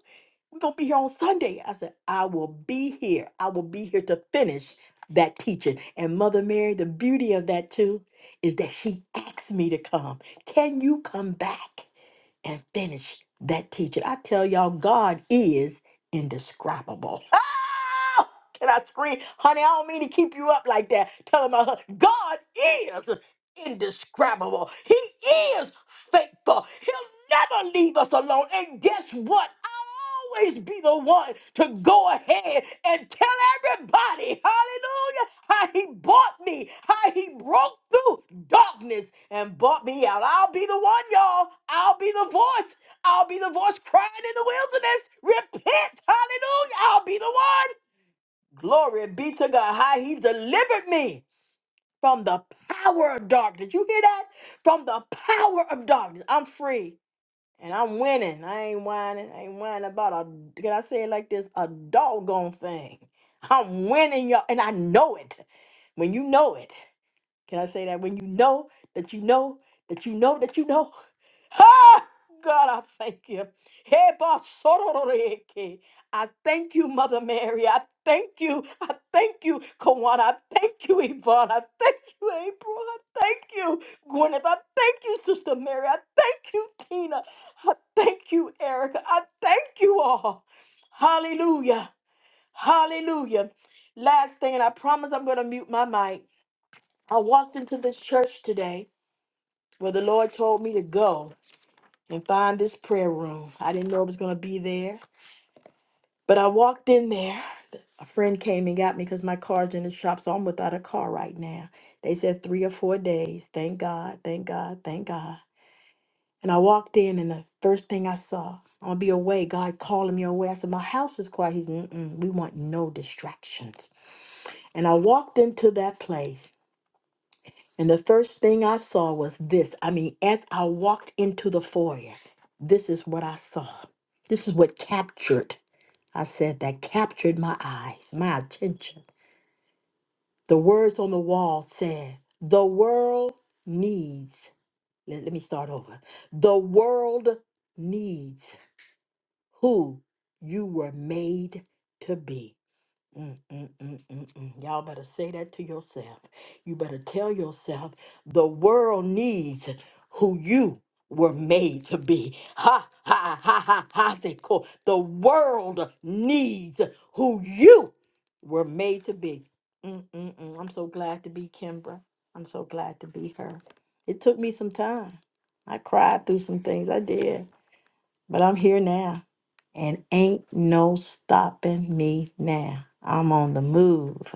We're gonna be here on Sunday. I said, I will be here. I will be here to finish that teaching. And Mother Mary, the beauty of that too is that she asked me to come. Can you come back? and finish that teaching. I tell y'all, God is indescribable. Ah! Can I scream? Honey, I don't mean to keep you up like that. Telling my husband, God is indescribable. He is faithful. He'll never leave us alone. And guess what? I'll always be the one to go ahead and tell everybody, hallelujah, how he bought me, how he broke through darkness and bought me out. I'll be the one, y'all. I'll be the voice. I'll be the voice crying in the wilderness. Repent, hallelujah. I'll be the one. Glory be to God, how he delivered me from the power of darkness. You hear that? From the power of darkness. I'm free and I'm winning. I ain't whining. I ain't whining about a, can I say it like this? A doggone thing. I'm winning, y'all. And I know it. When you know it. Can I say that? When you know that you know that you know that you know. Ha! God, I thank you. Hey, basororeke. I thank you, Mother Mary. I thank you. I thank you, Kawana. I thank you, Yvonne. I thank you, April. I thank you, Gwyneth. I thank you, Sister Mary. I thank you, Tina. I thank you, Erica. I thank you all. Hallelujah. Hallelujah. Last thing, and I promise I'm going to mute my mic. I walked into this church today where the Lord told me to go and find this prayer room. I didn't know it was going to be there, but I walked in there. A friend came and got me because my car's in the shop, so I'm without a car right now. They said three or four days. Thank God, thank God, thank God. And I walked in, and the first thing I saw, I'm going to be away. God calling me away. I said, My house is quiet. He's, Mm-mm, we want no distractions. And I walked into that place. And the first thing I saw was this. I mean, as I walked into the foyer, this is what I saw. This is what captured, I said, that captured my eyes, my attention. The words on the wall said, The world needs, let, let me start over. The world needs who you were made to be. Mm, mm, mm, mm, mm. Y'all better say that to yourself. You better tell yourself the world needs who you were made to be. Ha ha ha ha ha. They call the world needs who you were made to be. Mm, mm, mm. I'm so glad to be Kimbra. I'm so glad to be her. It took me some time. I cried through some things. I did. But I'm here now, and ain't no stopping me now. I'm on the move.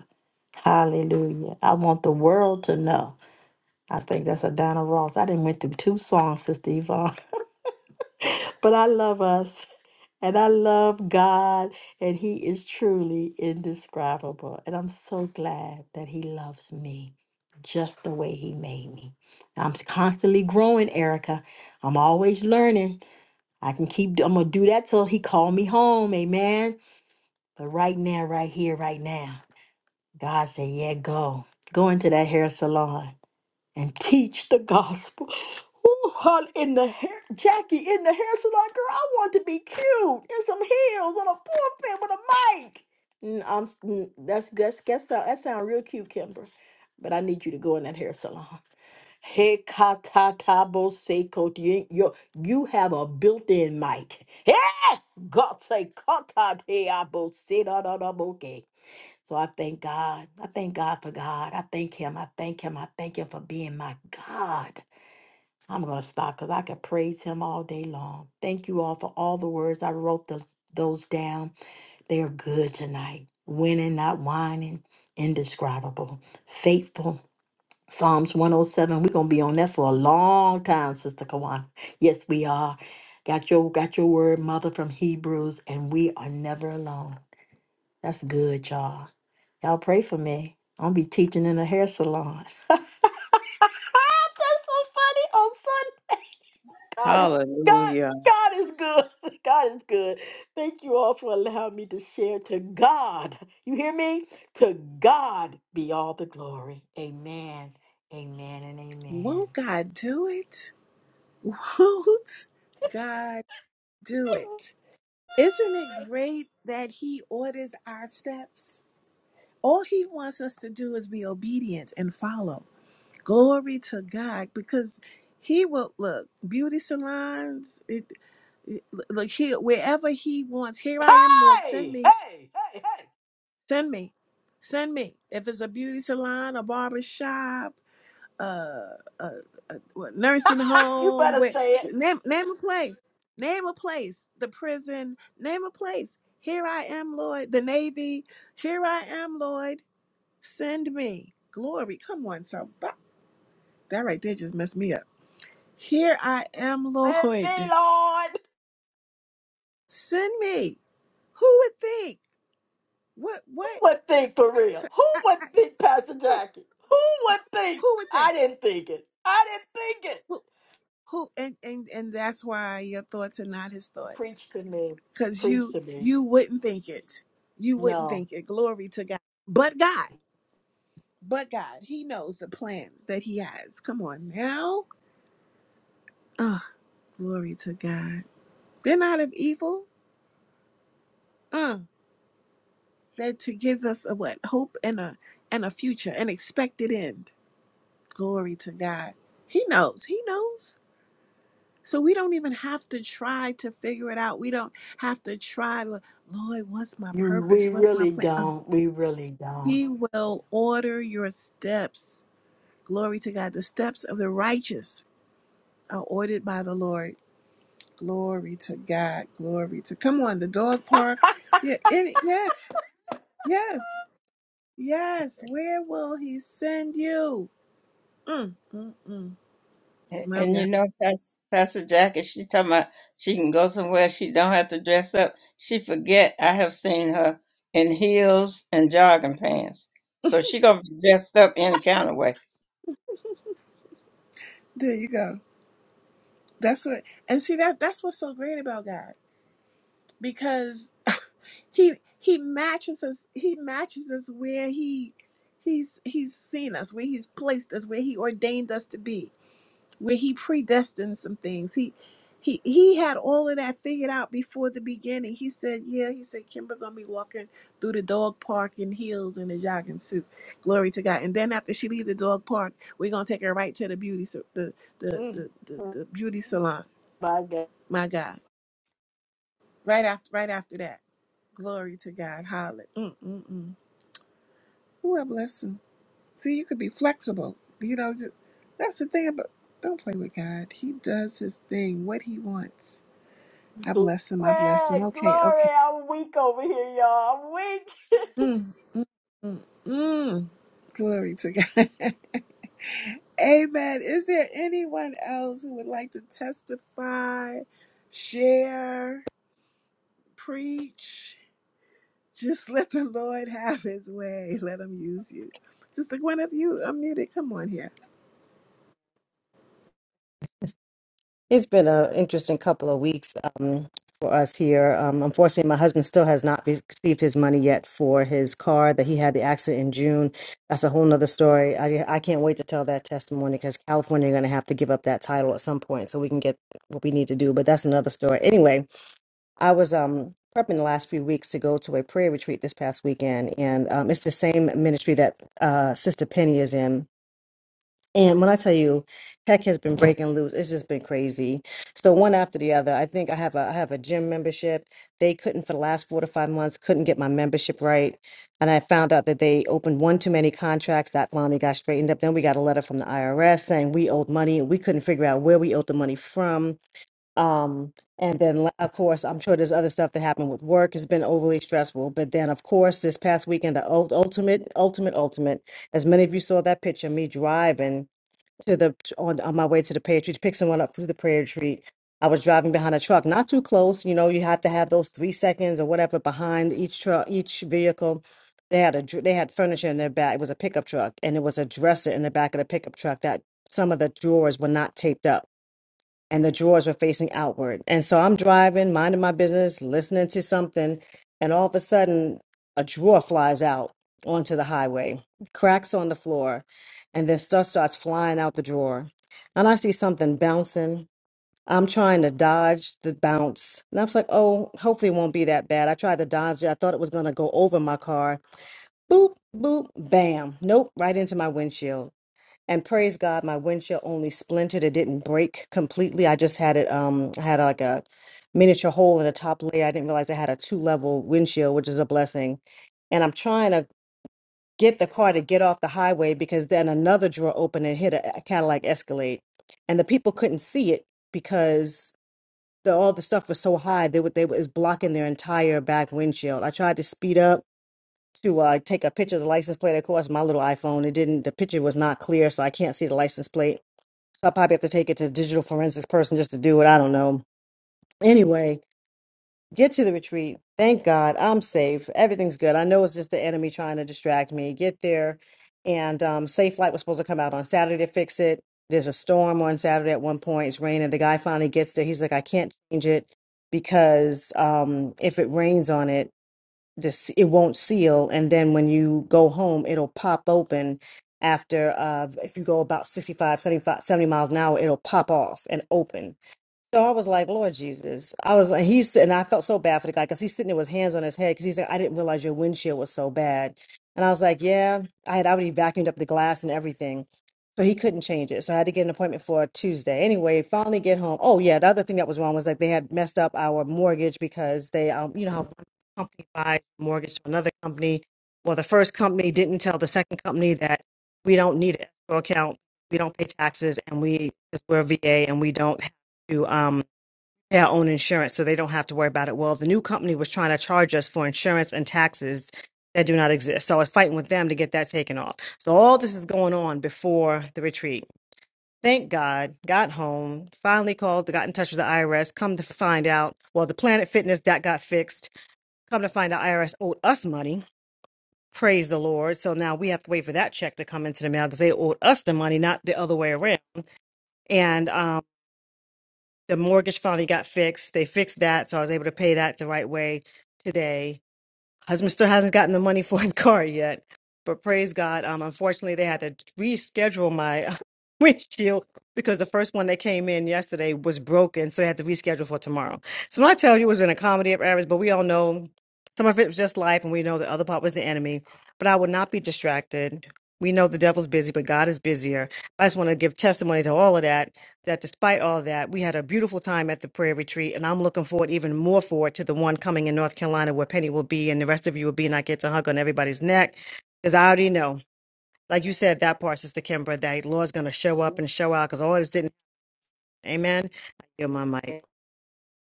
Hallelujah. I want the world to know. I think that's a Donna Ross. I didn't went through two songs, Sister Yvonne, but I love us. And I love God, and He is truly indescribable. And I'm so glad that He loves me just the way He made me. I'm constantly growing, Erica. I'm always learning. I can keep, I'm going to do that till he call me home. Amen. But right now, right here, right now, God said, yeah, go. Go into that hair salon and teach the gospel. Ooh, hon- in the hair, Jackie, in the hair salon, girl, I want to be cute in some heels on a pulpit with a mic. Mm, I'm, mm, that's, that's, that's, that sound real cute, Kimber. But I need you to go in that hair salon. Hekatatabo You, you you have a built-in mic. Hey! God say katateabosedaboke. So I thank God. I thank God for God. I thank him. I thank him. I thank him for being my God. I'm gonna stop because I could praise him all day long. Thank you all for all the words. I wrote the, those down. They are good tonight. Winning, not whining, indescribable, faithful, Psalms 107. We're gonna be on that for a long time, Sister Kawana. Yes, we are. Got your got your word, mother, from Hebrews, and we are never alone. That's good, y'all. Y'all pray for me. I'll be teaching in a hair salon. That's so funny on Sunday. God is God, Hallelujah. God is good. God is good. Thank you all for allowing me to share to God. You hear me? To God be all the glory. Amen. Amen and amen. Won't God do it? Won't God do it? Isn't it great that He orders our steps? All He wants us to do is be obedient and follow. Glory to God, because He will look beauty salons. It, it- look here, wherever He wants. Here I am, Lord. Send Hey, hey, me, hey, hey. send me, send me. If it's a beauty salon, a barber shop uh, uh, uh what, nursing You home. better Where say it. name name a place. Name a place. The prison. Name a place. Here I am, Lloyd. The Navy. Here I am, Lloyd. Send me glory. Come on, so that right there just messed me up. Here I am, Say it me, Lloyd. Lord. Send me. Who would think? What? Who What? would think for So real? Who I, would I, think, Pastor who? Jackie? Who would think? Who would think? I didn't think it. I didn't think it. Who? Who? And and and that's why your thoughts are not his thoughts Preach to me. because Preach you to me. you wouldn't think it you wouldn't No, think it glory to god but god but god he knows the plans that he has come on now oh glory to god they're not of evil uh they're to give us a what hope and a and a future an expected end glory to god he knows he knows so we don't even have to try to figure it out we don't have to try "Lo- lord what's my you. we purpose what's my really plan Uh, don't. We really don't. he will order your steps Glory to God. The steps of the righteous are ordered by the Lord. Glory to God. Glory to. Come on, the dog park. Yeah, any, Yeah, yes, yes. Where will He send you? Mm, mm, mm. A- My And God. you know, Pas- Pastor Jackie, she talking about she can go somewhere she don't have to dress up. She forget I have seen her in heels and jogging pants. So she gonna be dressed up any kind of way. There you go. That's what. And see that that's what's so great about God because He He matches us. He matches us where He He's He's seen us, where He's placed us, where He ordained us to be where he predestined some things. He he he had all of that figured out before the beginning. He said, Yeah, he said Kimber gonna be walking through the dog park in heels and a jogging suit. Glory to God. And then after she leaves the dog park, we're gonna take her right to the beauty sa- the the Mm. the, the, the beauty salon. My God. My God. Right after right after that. Glory to God. Holler. Mm mm mm. Who a blessing. See, you could be flexible. You know, ju- that's the thing about don't play with God. He does his thing, what he wants I bless him. I bless him. Glory, Okay, okay. glory. I'm weak over here, y'all. I'm Mm, mm, mm, mm. Glory to God. Amen. Is there anyone else who would like to testify, share, preach? Just let the Lord have his way. Let him use you. Sister Gwyneth, you unmuted. Come on here. It's been an interesting couple of weeks um, for us here. Um, unfortunately, my husband still has not re- received his money yet for his car that he had the accident in June. That's a whole nother story. I, I can't wait to tell that testimony because California going to have to give up that title at some point so we can get what we need to do. But that's another story. Anyway, I was um, prepping the last few weeks to go to a prayer retreat this past weekend, and um, it's the same ministry that uh, Sister Penny is in and when I tell you, heck has been breaking loose. It's just been crazy. So one after the other. I think I have a I have a gym membership. They couldn't for the last four to five months couldn't get my membership right, and I found out that they opened one too many contracts. That finally got straightened up. Then we got a letter from the IRS saying we owed money. and We couldn't figure out where we owed the money from. Um, and then la- of course, I'm sure there's other stuff that happened with work. It's been overly stressful. But then, of course, this past weekend, the ult- ultimate, ultimate, ultimate. As many of you saw that picture, me driving to the to- on, on my way to the prayer retreat to pick someone up through the prayer retreat. I was driving behind a truck, not too close. You know, you have to have those three seconds or whatever behind each truck, each vehicle. They had a dr- they had furniture in their back. It was a pickup truck, and it was a dresser in the back of the pickup truck that some of the drawers were not taped up and the drawers were facing outward. And so I'm driving, minding my business, listening to something, and all of a sudden, a drawer flies out onto the highway, cracks on the floor, and then stuff starts flying out the drawer. And I see something bouncing. I'm trying to dodge the bounce. And I was like, oh, hopefully it won't be that bad. I tried to dodge it. I thought it was going to go over my car. Boop, boop, bam. Nope, right into my windshield and praise God, my windshield only splintered. It didn't break completely. I just had it. Um, I had like a miniature hole in the top layer. I didn't realize I had a two level windshield, which is a blessing. And I'm trying to get the car to get off the highway because then another drawer opened and hit a, a Cadillac Escalade, and the people couldn't see it because the all the stuff was so high. They would they was blocking their entire back windshield. I tried to speed up. To uh, take a picture of the license plate, of course, my little iPhone. It didn't. The picture was not clear, so I can't see the license plate so I probably have to take it to a digital forensics person just to do it. I don't know. Anyway, get to the retreat. Thank God I'm safe. Everything's good. I know it's just the enemy trying to distract me. Get there. And um, Safe Flight was supposed to come out on Saturday to fix it. There's a storm on Saturday at one point. It's raining. The guy finally gets there. He's like, I can't change it because um, if it rains on it, this it won't seal and then when you go home it'll pop open after uh if you go about 65, 75, 70 miles an hour it'll pop off and open so I was like, Lord Jesus. I was like, he's, and I felt so bad for the guy because he's sitting there with hands on his head because he's like, I didn't realize your windshield was so bad. And I was like, yeah, I had already vacuumed up the glass and everything. So he couldn't change it. So I had to get an appointment for Tuesday. Anyway, finally get home. Oh, yeah. The other thing that was wrong was like they had messed up our mortgage because they, um, you know, how one company buys mortgage to another company. Well, the first company didn't tell the second company that we don't need it for account. We don't pay taxes and we, because we're VA and we don't to um, their own insurance so they don't have to worry about it. Well, the new company was trying to charge us for insurance and taxes that do not exist. So I was fighting with them to get that taken off. So all this is going on before the retreat. Thank God, got home, finally called, got in touch with the IRS. Come to find out, well, the Planet Fitness that got fixed. Come to find out, IRS owed us money. Praise the Lord. So now we have to wait for that check to come into the mail because they owed us the money, not the other way around. And um, the mortgage finally got fixed. They fixed that, so I was able to pay that the right way today. Husband still hasn't gotten the money for his car yet, but praise God. Um, unfortunately, they had to reschedule my windshield because the first one that came in yesterday was broken, so they had to reschedule for tomorrow. So when I tell you it was an accommodate of errors, but we all know some of it was just life, and we know the other part was the enemy. But I would not be distracted. We know the devil's busy, but God is busier. I just want to give testimony to all of that that despite all that, we had a beautiful time at the prayer retreat, and I'm looking forward even more forward to the one coming in North Carolina where Penny will be and the rest of you will be, and I get to hug on everybody's neck because I already know, like you said, that part, Sister Kimbra, that Lord's going to show up and show out because all this didn't. Amen. I yield my mic. weak.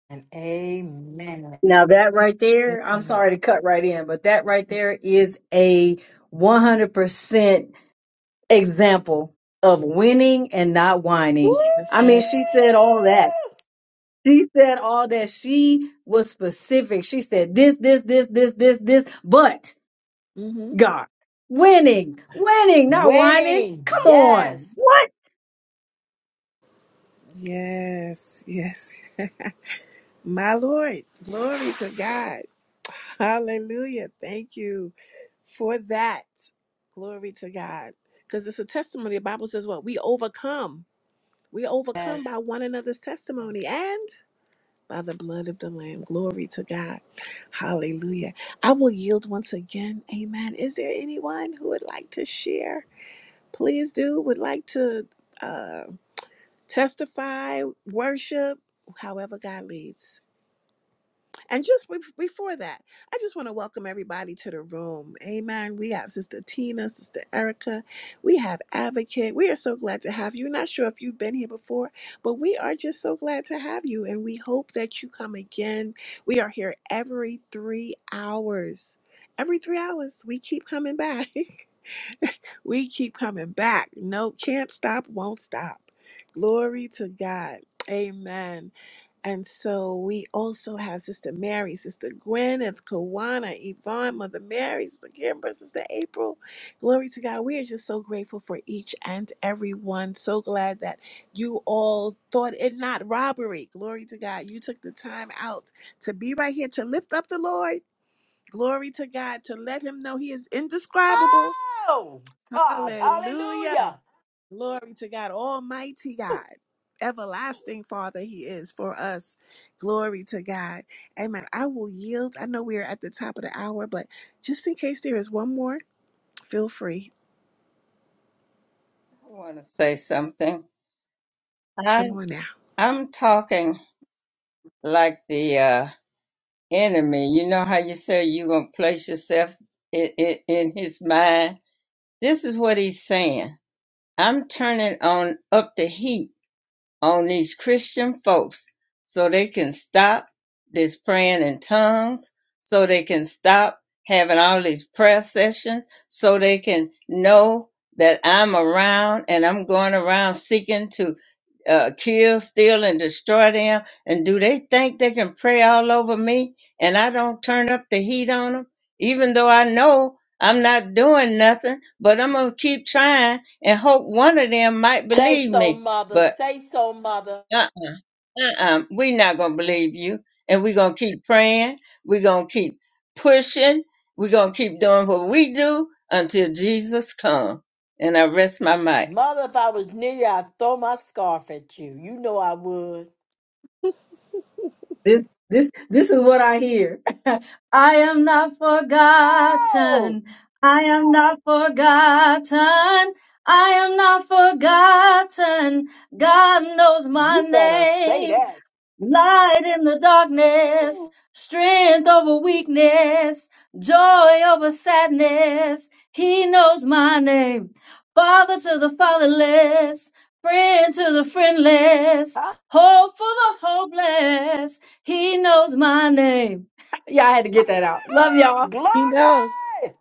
And amen. Now that right there, I'm Amen. sorry to cut right in, but that right there is a 100% example of winning and not Woo! whining. That's I mean, right. she said all that. She said all that she was specific. She said this, this, this, this, this, this, but hmm God. Winning, winning, not whining. Winning. Come Yes. on. What? Yes, yes. My Lord, glory to God. Hallelujah. Thank you. for that. Glory to God. Because it's a testimony. The Bible says what? We overcome. We yes. overcome by one another's yes. testimony and by the blood of the Lamb. Glory to God. Hallelujah. I will yield once again. Amen. Is there anyone who would like to share? Please do. Would like to uh, testify, worship, however God leads. And just be- before that, I just want to welcome everybody to the room. Amen. We have Sister Tina, Sister Erica. We have Advocate. We are so glad to have you. Not sure if you've been here before, but we are just so glad to have you. And we hope that you come again. We are here every three hours. Every three hours, we keep coming back. we keep coming back. No, can't stop, won't stop. Glory to God. Amen. And so we also have Sister Mary, Sister Gwyneth, Kawana, Yvonne, Mother Mary, Sister Kimber, Sister April. Glory to God. We are just so grateful for each and every one. So glad that you all thought it not robbery. Glory to God. You took the time out to be right here to lift up the Lord. Glory to God. To let him know he is indescribable. Oh, God. Hallelujah. Hallelujah. Glory to God, Almighty God, everlasting Father, He is for us. Glory to God. Amen. I will yield. I know we are at the top of the hour, but just in case there is one more, feel free. I want to say something. I Come on now. I'm talking like the uh, enemy. You know how you say you gonna place yourself in, in, in his mind. This is what he's saying. I'm turning on up the heat on these Christian folks so they can stop this praying in tongues, so they can stop having all these prayer sessions, so they can know that I'm around and I'm going around seeking to uh, kill, steal, and destroy them. And do they think they can pray all over me and I don't turn up the heat on them? Even though I know I'm not doing nothing, but I'm going to keep trying and hope one of them might Say believe so, me. mother. But Say so, mother. uh uh uh-uh, we're not going to Mm. believe you. And we're going to keep praying. We're going to keep pushing. We're going to keep doing what we do until Jesus comes. And I rest my mic. Mother, if I was near you, I'd throw my scarf at you. You know I would. This this this is what I hear. I am not Oh, forgotten. I am not forgotten. I am not forgotten. God knows my you better say name. that. Light in the darkness, Ooh. strength over weakness, joy over sadness. He knows my name. Father to the fatherless, friend to the friendless, Huh? hope for the hopeless. He knows my name. y'all had to get that out. Love y'all. He knows. Glory.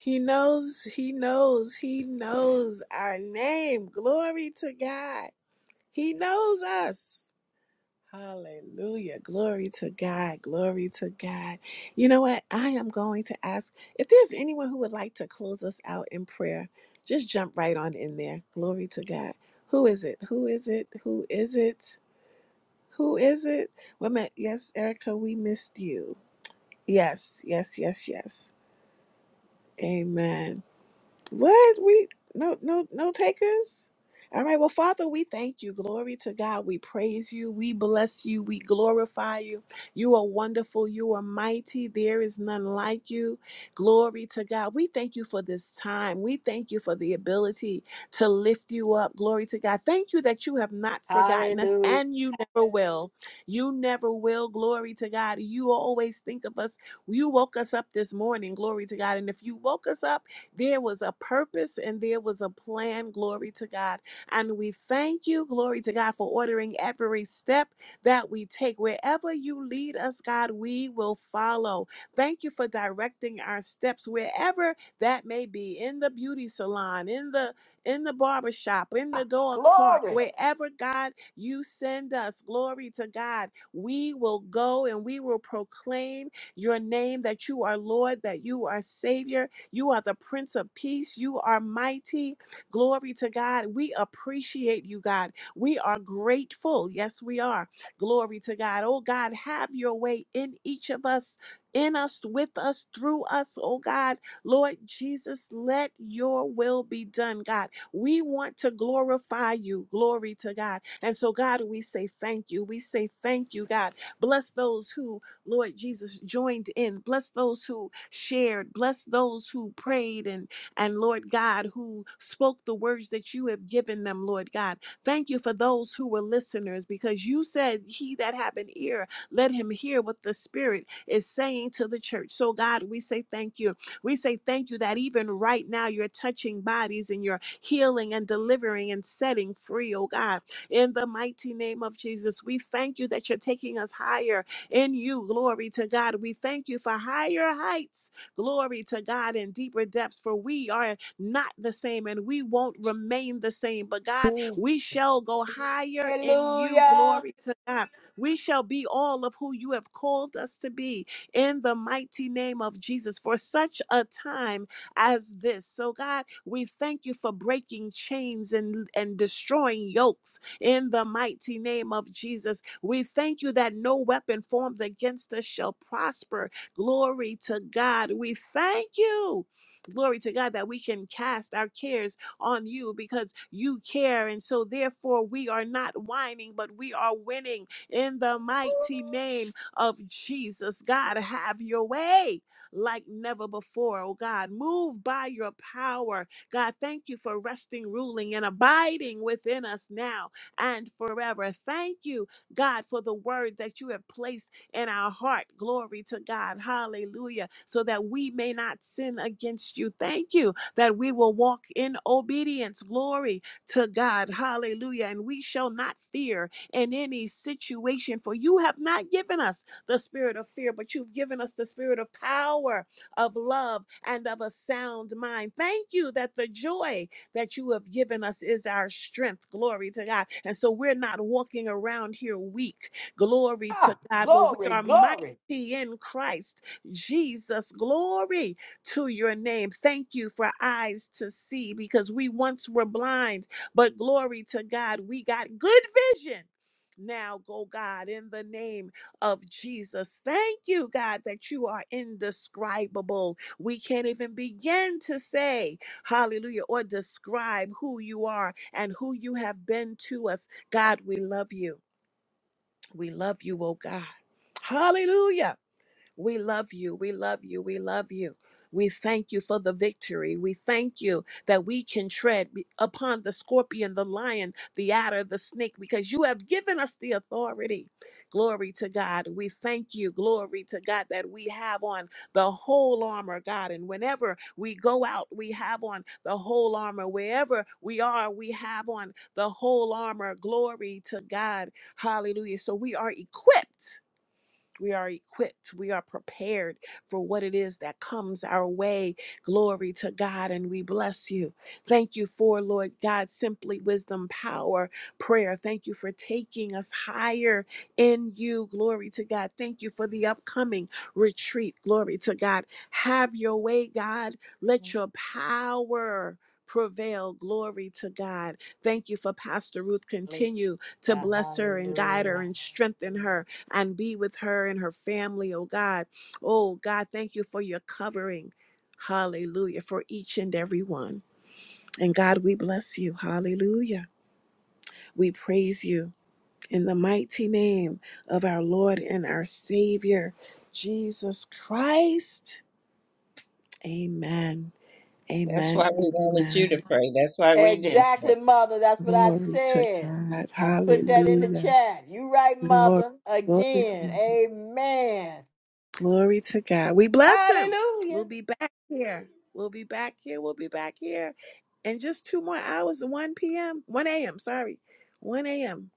He knows, He knows, He knows our name. Glory to God. He knows us. Hallelujah. Glory to God. Glory to God. You know what? I am going to ask if there's anyone who would like to close us out in prayer, just jump right on in there. Glory to God. Who is it? Who is it? Who is it? Who is it? Women, yes, Erica, we missed you. Yes, yes, yes, yes. Amen. What? We no no no takers? All right. Well, Father, we thank you. Glory to God. We praise you. We bless you. We glorify you. You are wonderful. You are mighty. There is none like you. Glory to God. We thank you for this time. We thank you for the ability to lift you up. Glory to God. Thank you that you have not forgotten us Hallelujah. and you never will. You never will. Glory to God. You always think of us. You woke us up this morning. Glory to God. And if you woke us up, there was a purpose and there was a plan. Glory to God. And we thank you, glory to God, for ordering every step that we take. Wherever you lead us, God, we will follow. Thank you for directing our steps wherever that may be in the beauty salon, in the in the barber shop, in the dog park, Glory. wherever God you send us. Glory to God. We will go and we will proclaim your name that you are Lord, that you are Savior, you are the Prince of Peace. You are mighty. Glory to God. We appreciate you, God. We are grateful. Yes, we are. Glory to God. Oh, God, have your way in each of us, in us, with us, through us. Oh, God. Lord Jesus, let your will be done, God. We want to glorify you. Glory to God. And so, God, we say thank you. We say thank you, God. Bless those who Lord Jesus, joined in. Bless those who shared. Bless those who prayed and, and Lord God, who spoke the words that you have given them, Lord God. Thank you for those who were listeners because you said, He that have an ear, let him hear what the Spirit is saying to the church. So, God, we say thank you. We say thank you that even right now you're touching bodies and you're healing and delivering and setting free, oh God. In the mighty name of Jesus, we thank you that you're taking us higher in you. Glory to God. We thank you for higher heights. Glory to God in deeper depths, for we are not the same and we won't remain the same. But God, we shall go higher in you. Hallelujah. Glory to God. We shall be all of who you have called us to be in the mighty name of Jesus for such a time as this. So, God, we thank you for breaking chains and, and destroying yokes in the mighty name of Jesus. We thank you that no weapon formed against us shall prosper. Glory to God. We thank you. Glory to God that we can cast our cares on you because you care. And so, therefore, we are not whining, but we are winning in the mighty name of Jesus. God, have your way like never before. Oh, God, move by your power. God, thank you for resting, ruling, and abiding within us now and forever. Thank you, God, for the word that you have placed in our heart. Glory to God. Hallelujah. So that we may not sin against you. Thank you that we will walk in obedience. Glory to God. Hallelujah. And we shall not fear in any situation, for you have not given us the spirit of fear, but you've given us the spirit of power, of love, and of a sound mind. Thank you that the joy that you have given us is our strength. Glory to God. And so we're not walking around here weak. Glory to Ah, God. But we Glory, are mighty. glory. In Christ Jesus, glory to your name. Thank you for eyes to see because we once were blind, but glory to God, we got good vision now, go God, in the name of Jesus. Thank you, God, that you are indescribable. We can't even begin to say hallelujah, or describe who you are and who you have been to us. God, we love you. We love you, oh God. Hallelujah. We love you. We love you. We love you. We thank you for the victory. We thank you that we can tread be- upon the scorpion, the lion, the adder, the snake, because you have given us the authority. Glory to God. We thank you. Glory to God that we have on the whole armor, God. And whenever we go out, we have on the whole armor. Wherever we are, we have on the whole armor. Glory to God. Hallelujah. So we are equipped we are equipped. We are prepared for what it is that comes our way. Glory to God, and we bless you. Thank you for, Lord God, simply wisdom, power, prayer. Thank you for taking us higher in you. Glory to God. Thank you for the upcoming retreat. Glory to God. Have your way, God. Let your power prevail. Glory to God. Thank you for Pastor Ruth. Continue to bless her and guide her Hallelujah. and strengthen her and be with her and her family, oh God. Oh God, thank you for your covering. Hallelujah. For each and every one. And God, we bless you. Hallelujah. We praise you in the mighty name of our Lord and our Savior, Jesus Christ. Amen. That's why Amen. we wanted you Amen. to pray. That's why we didn't Exactly, pray. mother. That's what I Glory to said. God. I put that in the Hallelujah. chat. You right, Glory, mother. Again. glory, Amen. Glory to God. We bless him. Hallelujah. We'll be back here. We'll be back here. We'll be back here in just two more hours, 1 p.m., 1 a.m., sorry, 1 a.m.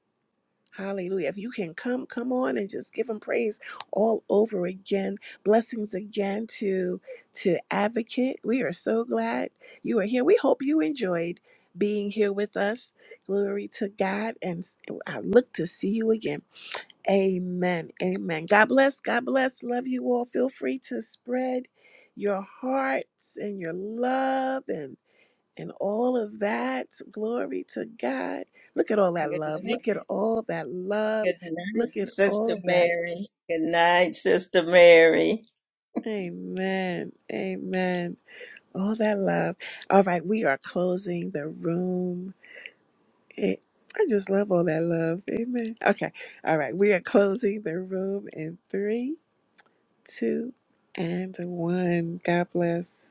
Hallelujah. If you can come, come on and just give him praise all over again. Blessings again to to Advocate. We are so glad you are here. We hope you enjoyed being here with us. Glory to God. And I look to see you again. Amen. Amen. God bless. God bless. Love you all. Feel free to spread your hearts and your love and and all of that. Glory to God. Look at all that Good love. night. Look at all that love. Good night, Look at Sister all that. Mary. Good night, Sister Mary. Amen. Amen. All that love. All right, we are closing the room. It, I just love all that love. Amen. Okay. All right, we are closing the room in three two, and one. God bless.